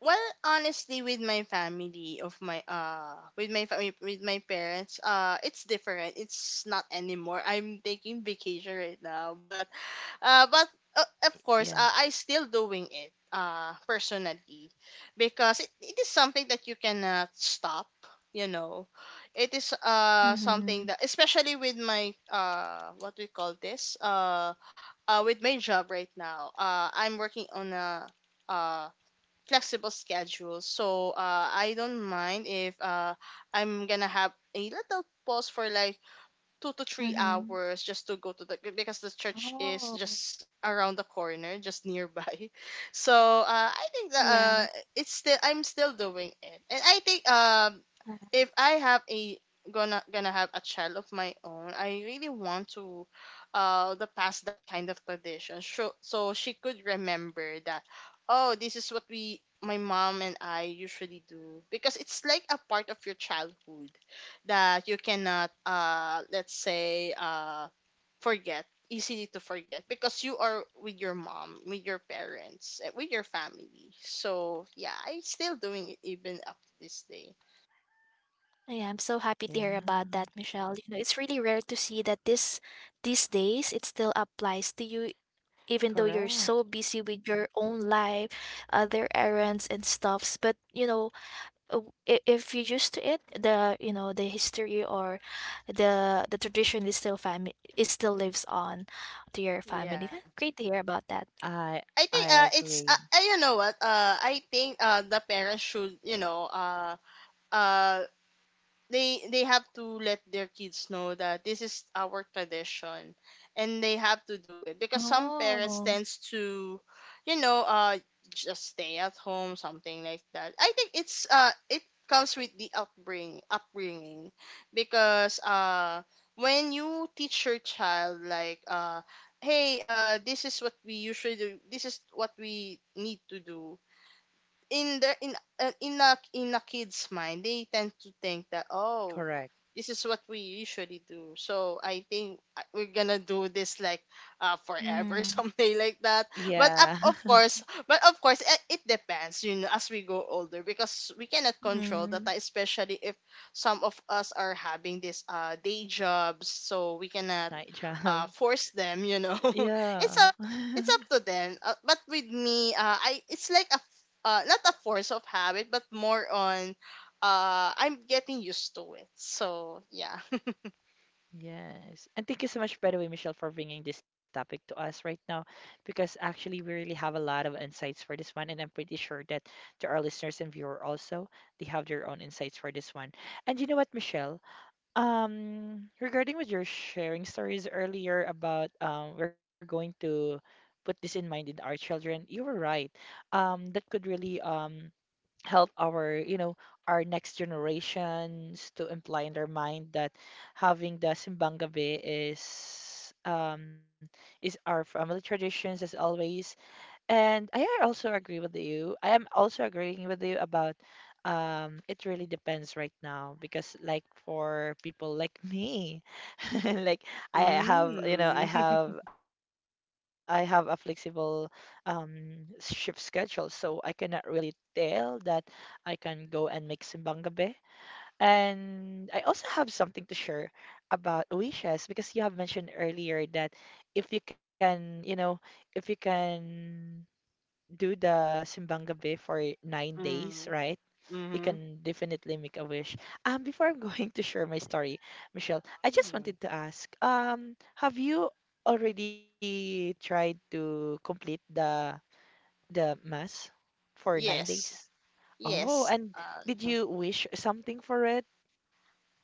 Speaker 2: Well, honestly, with my family of my with my family, with my parents, it's different. It's not anymore. I'm taking vacation right now, but of course,
Speaker 1: yeah,
Speaker 2: I still doing it personally, because it is something that you cannot stop, you know. It is
Speaker 3: Mm-hmm.
Speaker 2: something that, especially with my what we call this with my job right now. I'm working on a uh flexible schedule. So I don't mind if I'm gonna have a little pause for like 2 to 3 hours
Speaker 3: Mm-hmm.
Speaker 2: just to go to the, because the church is just
Speaker 3: Oh.
Speaker 2: around the corner, just nearby. So I think that
Speaker 3: Yeah,
Speaker 2: it's still, I'm still doing it, and I think if
Speaker 3: yeah.
Speaker 2: I have a gonna have a child of my own, I really want to the past that kind of tradition. So so she could remember that, oh, this is what we, my mom and I, usually do, because it's like a part of your childhood that you cannot, let's say, forget easily, to forget, because you are with your mom, with your parents, eh, with your family. So yeah, I'm still doing it even up to this day.
Speaker 3: Yeah, I'm so happy to hear about
Speaker 1: yeah.
Speaker 3: that, Michelle. You know, it's really rare to see that this these days it still applies to you, even though you're
Speaker 1: Correct.
Speaker 3: so busy with your own life, other errands and stuffs. But you know, uh, if you're used to it, the you know, the history or the tradition is still, family is still lives on to your family. That's
Speaker 2: Yeah,
Speaker 3: great to hear about that.
Speaker 1: I
Speaker 2: I think
Speaker 1: I
Speaker 2: it's
Speaker 1: agree.
Speaker 2: you know what, I think the parents should, you know, uh they have to let their kids know that this is our tradition and they have to do it, because some parents
Speaker 3: Oh.
Speaker 2: tends to, you know, just stay at home, something like that. I think it's it comes with the upbringing, upbringing, because when you teach your child, like, hey, this is what we usually do, this is what we need to do, in their in in a, in a kid's mind, they tend to think that, oh,
Speaker 1: Correct.
Speaker 2: this is what we usually do, so I think, we're gonna do this like forever,
Speaker 3: Mm.
Speaker 2: something like that.
Speaker 1: Yeah.
Speaker 2: But of course, but of course, it depends, you know, as we go older, because we cannot control
Speaker 3: Mm-hmm.
Speaker 2: that, especially if some of us are having this day jobs, so we cannot
Speaker 1: Night job.
Speaker 2: force them, you know.
Speaker 1: Yeah.
Speaker 2: it's up it's up to them, but with me, i, it's like a not a force of habit, but more on I'm getting used to it. So yeah.
Speaker 1: Yes. And thank you so much, by the way, Michelle, for bringing this topic to us right now, because actually we really have a lot of insights for this one, and I'm pretty sure that to our listeners and viewer also, they have their own insights for this one. And you know what, Michelle? Regarding what you're sharing stories earlier about we're going to put this in mind in our children, you were right. That could really help our our next generations to imply in their mind that having the simbang gabi is our family traditions as always and I also agree with you. I am also agreeing with you about it really depends right now because like for people like me like I have, you know, I
Speaker 2: Mm.
Speaker 1: have I have a flexible shift schedule, so I cannot really tell that I can go and make simbang gabi. And I also have something to share about wishes because you have mentioned earlier that if you can, you know, if you can do the simbang gabi for 9 days,
Speaker 2: Mm.
Speaker 1: right? You
Speaker 2: Mm-hmm.
Speaker 1: can definitely make a wish. Before I'm going to share my story, Michelle, I just
Speaker 2: Mm.
Speaker 1: wanted to ask, have you already tried to complete the mass for nine
Speaker 2: Yes,
Speaker 1: days? Oh,
Speaker 2: yes,
Speaker 1: and did you wish something for it?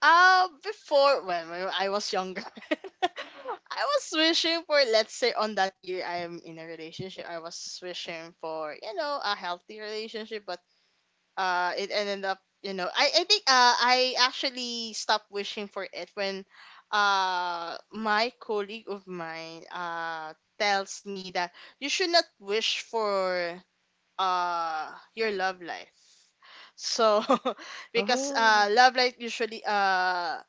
Speaker 2: before, when I was younger, I was wishing for, let's say, on that year I'm in a relationship, I was wishing for, you know, a healthy relationship, but it ended up, you know, I think I actually stopped wishing for it when my colleague of mine tells me that you should not wish for uh your love life. So because
Speaker 1: Oh,
Speaker 2: love life usually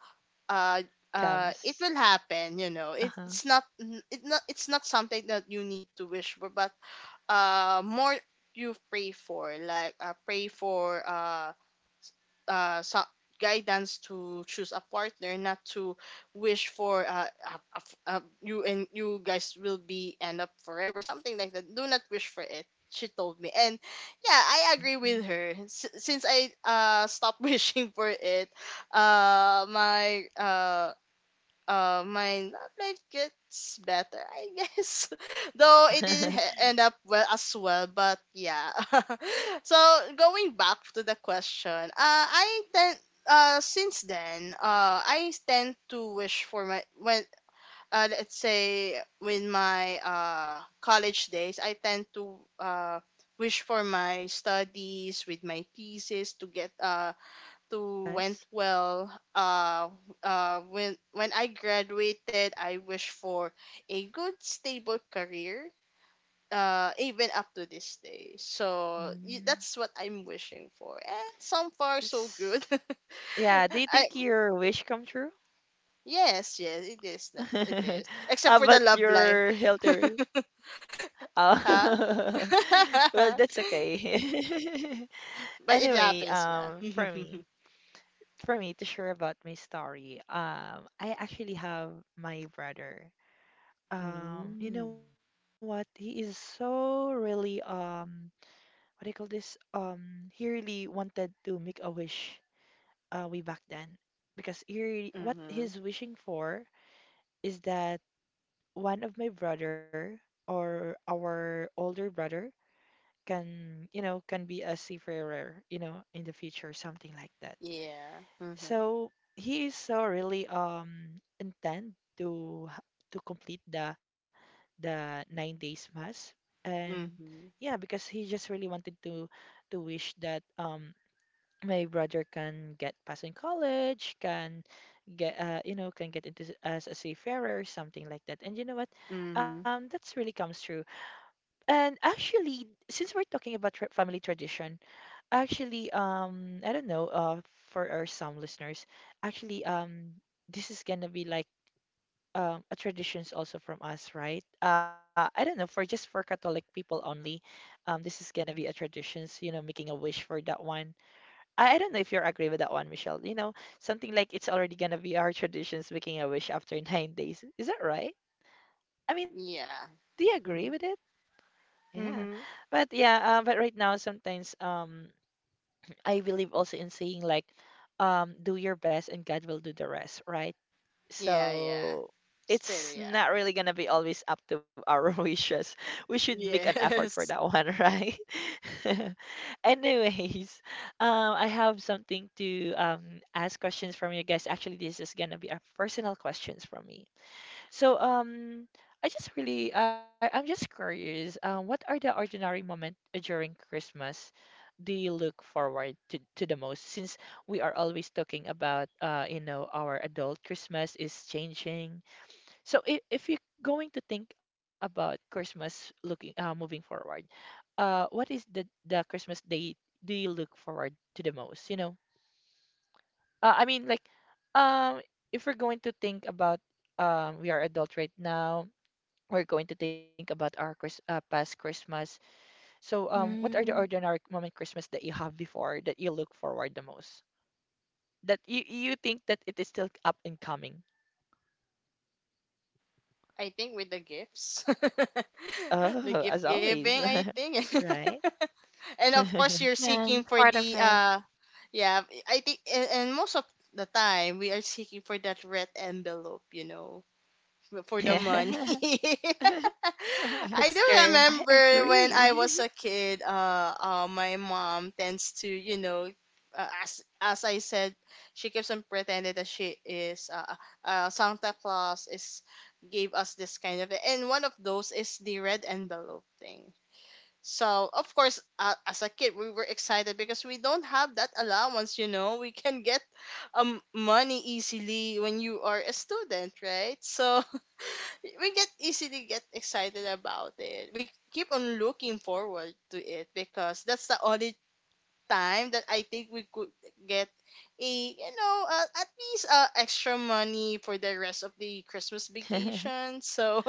Speaker 2: uh it
Speaker 1: comes.
Speaker 2: will happen, you know. It,
Speaker 1: Uh-huh.
Speaker 2: it's not, it not, it's not something that you need to wish for, but more you pray for, like, pray for uh, so- guidance to choose a partner, not to wish for you and you guys will be end up forever, something like that. Do not wish for it, she told me, and yeah, I agree with
Speaker 1: Mhm.
Speaker 2: her. S- since I stopped wishing for it, uh, my uh my love life gets better, I guess. Though it didn't end up well as well, but yeah. So going back to the question, I tend, since then, I tend to wish for my, when let's say with my college days, I tend to wish for my studies, with my thesis to get to went
Speaker 1: Yes.
Speaker 2: well. Uh, when I graduated, I wish for a good stable career. Even up to this day. So
Speaker 1: Mm.
Speaker 2: that's what I'm wishing for, and so far so good.
Speaker 1: S- Yeah, do you
Speaker 2: I,
Speaker 1: think your wish come true?
Speaker 2: yes, yes, it is. It is.
Speaker 1: How
Speaker 2: Except for the
Speaker 1: about
Speaker 2: love life,
Speaker 1: your health? Oh,
Speaker 2: huh?
Speaker 1: well, that's okay.
Speaker 2: but it
Speaker 1: Anyway,
Speaker 2: happens,
Speaker 1: for
Speaker 2: yeah.
Speaker 1: me, for me to share about my story, I actually have my brother. You know
Speaker 2: Mm.
Speaker 1: what? He is so really, what do you call this? He really wanted to make a wish, way back then, because what
Speaker 2: Mm-hmm.
Speaker 1: he's wishing for is that one of my brother or our older brother can be a seafarer, in the future, something like that.
Speaker 2: Yeah. Mm-hmm.
Speaker 1: So he is so really intent to complete the 9 days mass and
Speaker 2: Mm-hmm.
Speaker 1: yeah because he just really wanted to wish that my brother can get pass in college can get into as a seafarer something like that and you know what
Speaker 2: Mm-hmm.
Speaker 1: that's really comes true. And actually, since we're talking about tra family tradition, actually, I don't know, for our some listeners, actually, this is gonna be like a traditions also from us, right? I don't know, for just for Catholic people only, this is gonna be a traditions, making a wish for that one. I don't know if you're agree with that one, Michelle. Something like it's already gonna be our traditions making a wish after 9 days. Is that right? I mean,
Speaker 2: Yeah.
Speaker 1: do you agree with
Speaker 2: Mhm.
Speaker 1: it? Yeah.
Speaker 2: Mhm.
Speaker 1: But yeah, but right now sometimes I believe also in saying like do your best and God will do the rest, right?
Speaker 2: Yeah, yeah.
Speaker 1: So
Speaker 2: Still,
Speaker 1: it's
Speaker 2: yeah.
Speaker 1: not really gonna be always up to our wishes. We should make an effort for that
Speaker 2: Yes.
Speaker 1: one, right? Anyways, I have something to ask questions from you guys. Actually, this is gonna be a personal questions from me. So I'm just curious. What are the ordinary moment during Christmas do you look forward to the most? Since we are always talking about our adult Christmas is changing. So if you're going to think about Christmas looking moving forward, what is the Christmas day do you look forward to the most? I mean like um, if we're going to think about we are adult right now we're going to think about our past Christmas. So, what are the
Speaker 3: Mm.
Speaker 1: ordinary moment Christmas that you have before that you look forward the most? That you think that it is still up and coming?
Speaker 2: I think with the gifts.
Speaker 1: Oh, as
Speaker 2: The gift
Speaker 1: always,
Speaker 2: giving, I think.
Speaker 1: right?
Speaker 2: And of course you're seeking
Speaker 3: And
Speaker 2: for
Speaker 3: part of
Speaker 2: the
Speaker 3: it.
Speaker 2: yeah, I think, and most of the time we are seeking for that red envelope, you know, for the money.
Speaker 1: Yeah.
Speaker 2: I
Speaker 3: That's
Speaker 1: I
Speaker 2: do
Speaker 3: true.
Speaker 2: remember when
Speaker 1: agree.
Speaker 2: I was a kid, my mom tends to, you know, as I said, she keeps on pretending that she is Santa Claus is, gave us this kind of, and one of those is the red envelope thing. So of course, as a kid, we were excited because we don't have that allowance. You know, we can get money easily when you are a student, right? So we get, easily get excited about it. We keep on looking forward to it because that's the only time that I think we could get a, you know, at least extra money for the rest of the Christmas vacation. So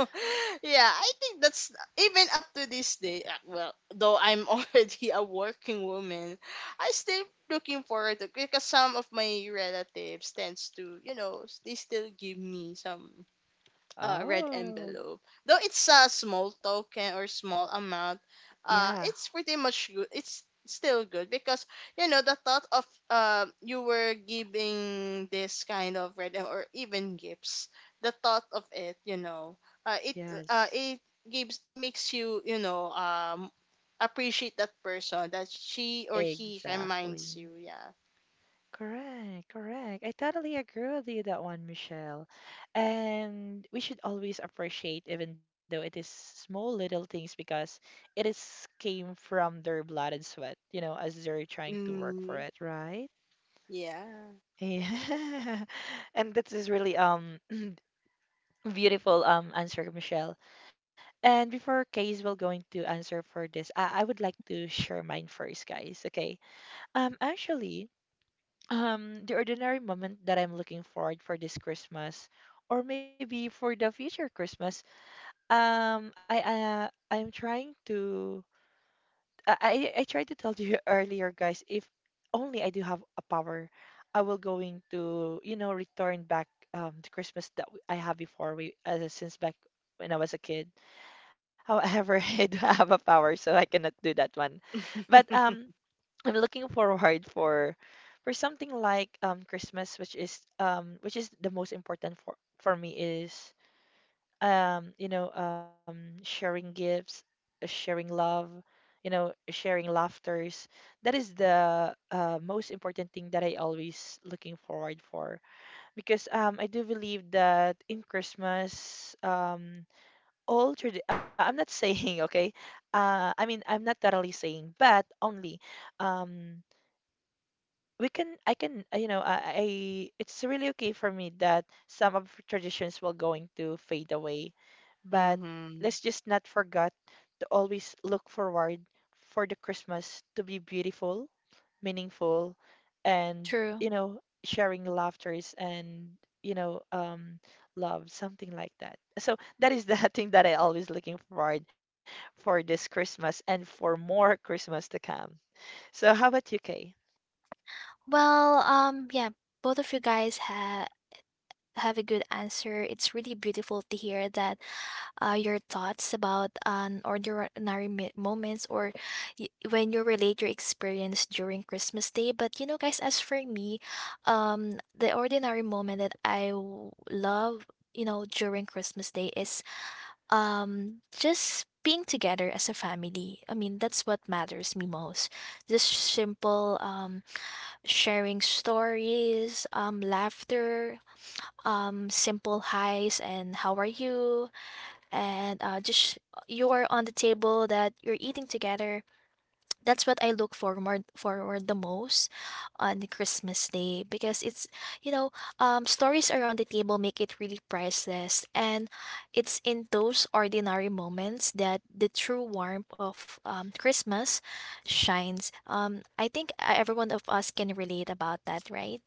Speaker 2: yeah, I think that's even up to this day. Well, though I'm already a working woman, I still looking forward to, because some of my relatives tends to, you know, they still give me some red
Speaker 1: Oh,
Speaker 2: envelope. Though it's a small token or small amount,
Speaker 1: yeah,
Speaker 2: it's pretty much good. It's still good because you know the thought of, you were giving this kind of red or even gifts. The thought of it, you know, uh, it
Speaker 1: yes,
Speaker 2: it gives, it makes you, you know, appreciate that person that she or he reminds
Speaker 1: exactly.
Speaker 2: you. Yeah.
Speaker 1: Correct, correct. I totally agree with you that one, Michelle. And we should always appreciate, even though it is small little things, because it is came from their blood and sweat, as they're trying to work for
Speaker 2: Mm,
Speaker 1: it, right?
Speaker 2: yeah.
Speaker 1: Yeah. And this is really beautiful answer, Michelle. And before Case will going to answer for this, I would like to share mine first, guys. Okay. Actually. The ordinary moment that I'm looking forward for this Christmas, or maybe for the future Christmas. I'm trying to. I tried to tell you earlier, guys. If only I do have a power, I will going to return back the Christmas that I have before we since back when I was a kid. However, I do have a power, so I cannot do that one. But I'm looking forward for something like Christmas, which is the most important for me is sharing gifts, sharing love, sharing laughters. That is the most important thing that I always looking forward for because I do believe that in Christmas all I'm not saying okay I mean I'm not totally saying but only um we can I can you know I it's really okay for me that some of traditions will going to fade away but let's
Speaker 2: Mm-hmm.
Speaker 1: just not forget to always look forward for the Christmas to be beautiful, meaningful, and
Speaker 3: True.
Speaker 1: sharing laughters and you know, um, love, something like that. So that is the thing that I always looking forward for this Christmas and for more Christmas to come. So how about you, Kay?
Speaker 3: Well, yeah, both of you guys ha have a good answer. It's really beautiful to hear that your thoughts about an ordinary moments or when you relate your experience during Christmas Day. But you know, guys, as for me, the ordinary moment that I love, you know, during Christmas Day is just being together as a family. I mean, that's what matters me most. Just simple sharing stories, laughter, simple highs and how are you, and just you're on the table that you're eating together. That's what I look forward the most on the Christmas day, because it's, you know, stories around the table make it really priceless, and it's in those ordinary moments that the true warmth of Christmas shines. I think every one of us can relate about that, right?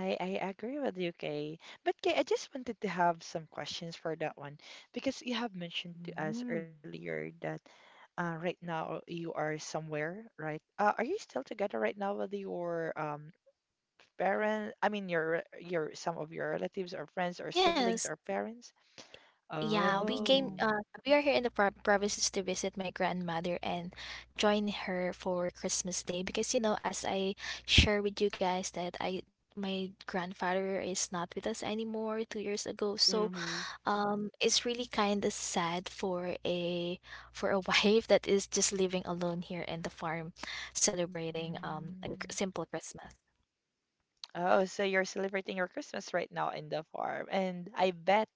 Speaker 1: I agree with you, Kay. But Kay, I just wanted to have some questions for that one because you have mentioned to us
Speaker 2: Mm.
Speaker 1: earlier that right now you are somewhere, right? Are you still together right now with your parent? I mean, your some of your relatives or friends or
Speaker 3: Yes.
Speaker 1: siblings or parents?
Speaker 3: Yeah, we came,
Speaker 1: Oh.
Speaker 2: Mm.
Speaker 3: we are here in the provinces to visit my grandmother and join her for Christmas Day because, you know, as I share with you guys that I my grandfather is not with us anymore 2 years ago. So,
Speaker 2: Mhm.
Speaker 3: it's really kind of sad for a wife that is just living alone here in the farm celebrating a
Speaker 1: Mm.
Speaker 3: simple Christmas.
Speaker 1: Oh, so you're celebrating your Christmas right now in the farm, and I bet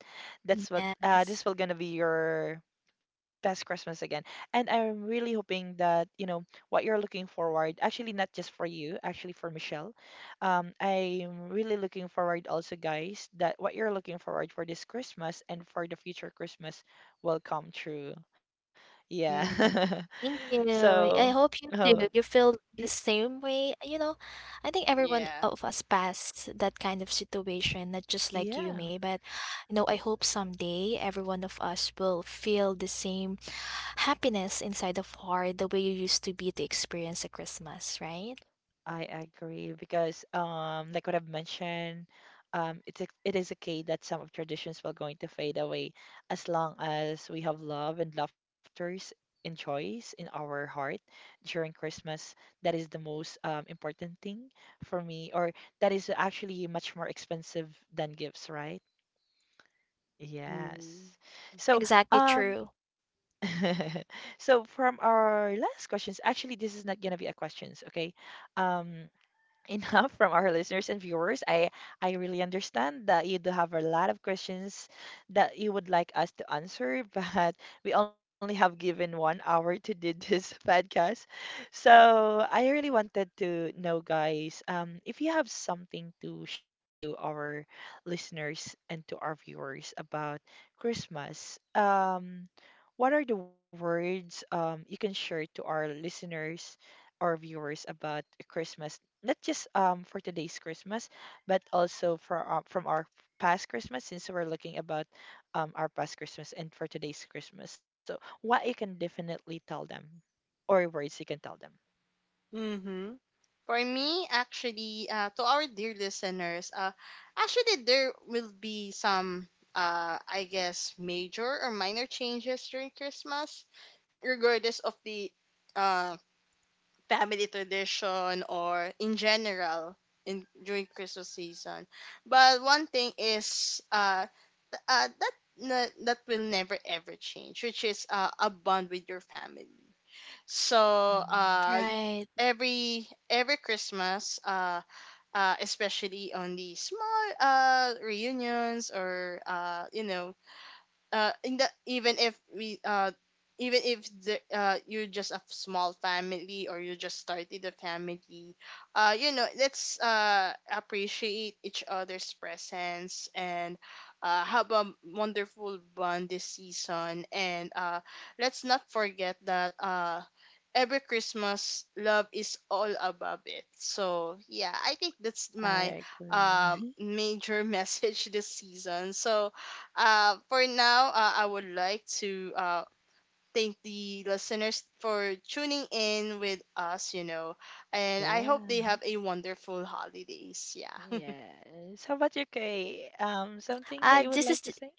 Speaker 1: that's what this
Speaker 3: Yes.
Speaker 1: will gonna be your best Christmas again. And I'm really hoping that you know what you're looking forward. Actually, not just for you, actually for Michelle. I'm really looking forward also, guys, that what you're looking forward for this Christmas and for the future Christmas will come true. Yeah.
Speaker 2: Mhm.
Speaker 3: Thank you.
Speaker 1: So,
Speaker 3: I hope you
Speaker 1: oh,
Speaker 3: too. You feel
Speaker 1: it,
Speaker 3: the same way. You know, I think everyone
Speaker 2: Yeah.
Speaker 3: of us passed that kind of situation, not just like you,
Speaker 1: yeah.
Speaker 3: May, but you know, I hope someday every one of us will feel the same happiness inside of heart the way you used to be to experience a Christmas, right?
Speaker 1: I agree because, like what I've mentioned, it is okay that some of traditions will going to fade away as long as we have love and laughters and joys in our heart during Christmas. That is the most important thing for me, or that is actually much more expensive than gifts, right?
Speaker 2: Mhm.
Speaker 1: Yes. So,
Speaker 3: Exactly
Speaker 1: um,
Speaker 3: true.
Speaker 1: so from our last questions, actually, this is not gonna be a questions, okay? Um Enough from our listeners and viewers. I really understand that you do have a lot of questions that you would like us to answer, but we only have given 1 hour to do this podcast. So I really wanted to know, guys, if you have something to share to our listeners and to our viewers about Christmas. What are the words you can share to our listeners or viewers about Christmas not just for today's Christmas, but also for from our past Christmas since we're looking about our past Christmas and for today's Christmas. So what you can definitely tell them or words you can tell them.
Speaker 2: Mhm. For me, actually, to our dear listeners, actually, there will be some, I guess, major or minor changes during Christmas, regardless of the uh, family tradition, or in general in during Christmas season. But one thing is, that that will never ever change, which is a bond with your family. So
Speaker 1: Mm,
Speaker 2: uh
Speaker 3: Right.
Speaker 2: every Christmas, especially on the small reunions, or you know, in the even if we even if you're just a small family, or you just started a family, you know, let's appreciate each other's presence, and have a wonderful bond this season, and let's not forget that every Christmas, love is all above it. So yeah, I think that's my
Speaker 1: I agree.
Speaker 2: major message this season. So for now, I would like to thank the listeners for tuning in with us, you know, and I hope they
Speaker 1: Yeah.
Speaker 2: have a wonderful holidays. Yeah.
Speaker 1: Yes. How about you, Kay? Something that you would
Speaker 3: This is
Speaker 1: like to say?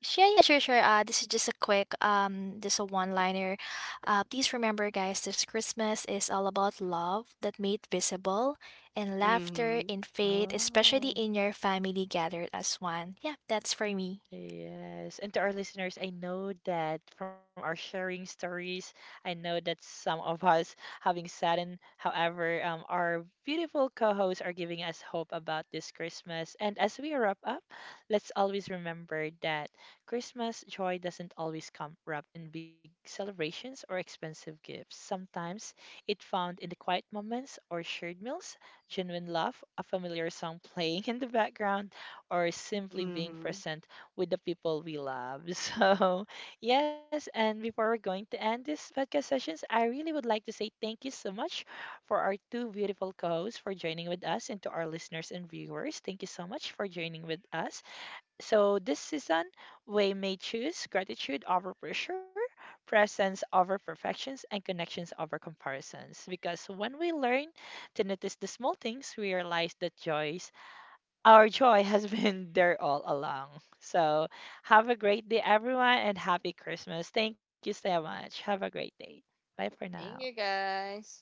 Speaker 3: Sure, yeah, sure. This is just a quick, just a one-liner. Please remember, guys, this Christmas is all about love that made visible and laughter
Speaker 2: Mm-hmm.
Speaker 3: in faith, especially
Speaker 1: Oh.
Speaker 3: in your family gathered as one. Yeah, that's for me.
Speaker 1: Yes, and to our listeners, I know that from our sharing stories, I know that some of us having saddened. However, our beautiful co-hosts are giving us hope about this Christmas. And as we wrap up, let's always remember that Christmas joy doesn't always come wrapped in big celebrations or expensive gifts. Sometimes it found in the quiet moments or shared meals, genuine love, a familiar song playing in the background, or simply being
Speaker 2: Mm-hmm.
Speaker 1: present with the people we love. So, yes, and before we're going to end this podcast sessions, I really would like to say thank you so much for our two beautiful co-hosts for joining with us and to our listeners and viewers. Thank you so much for joining with us. So, this season, we may choose gratitude over pressure, presence over perfections, and connections over comparisons. Because when we learn to notice the small things, we realize that joy our joy has been there all along. So, have a great day, everyone, and happy Christmas. Thank you so much. Have a great day. Bye for now.
Speaker 2: Thank you, guys.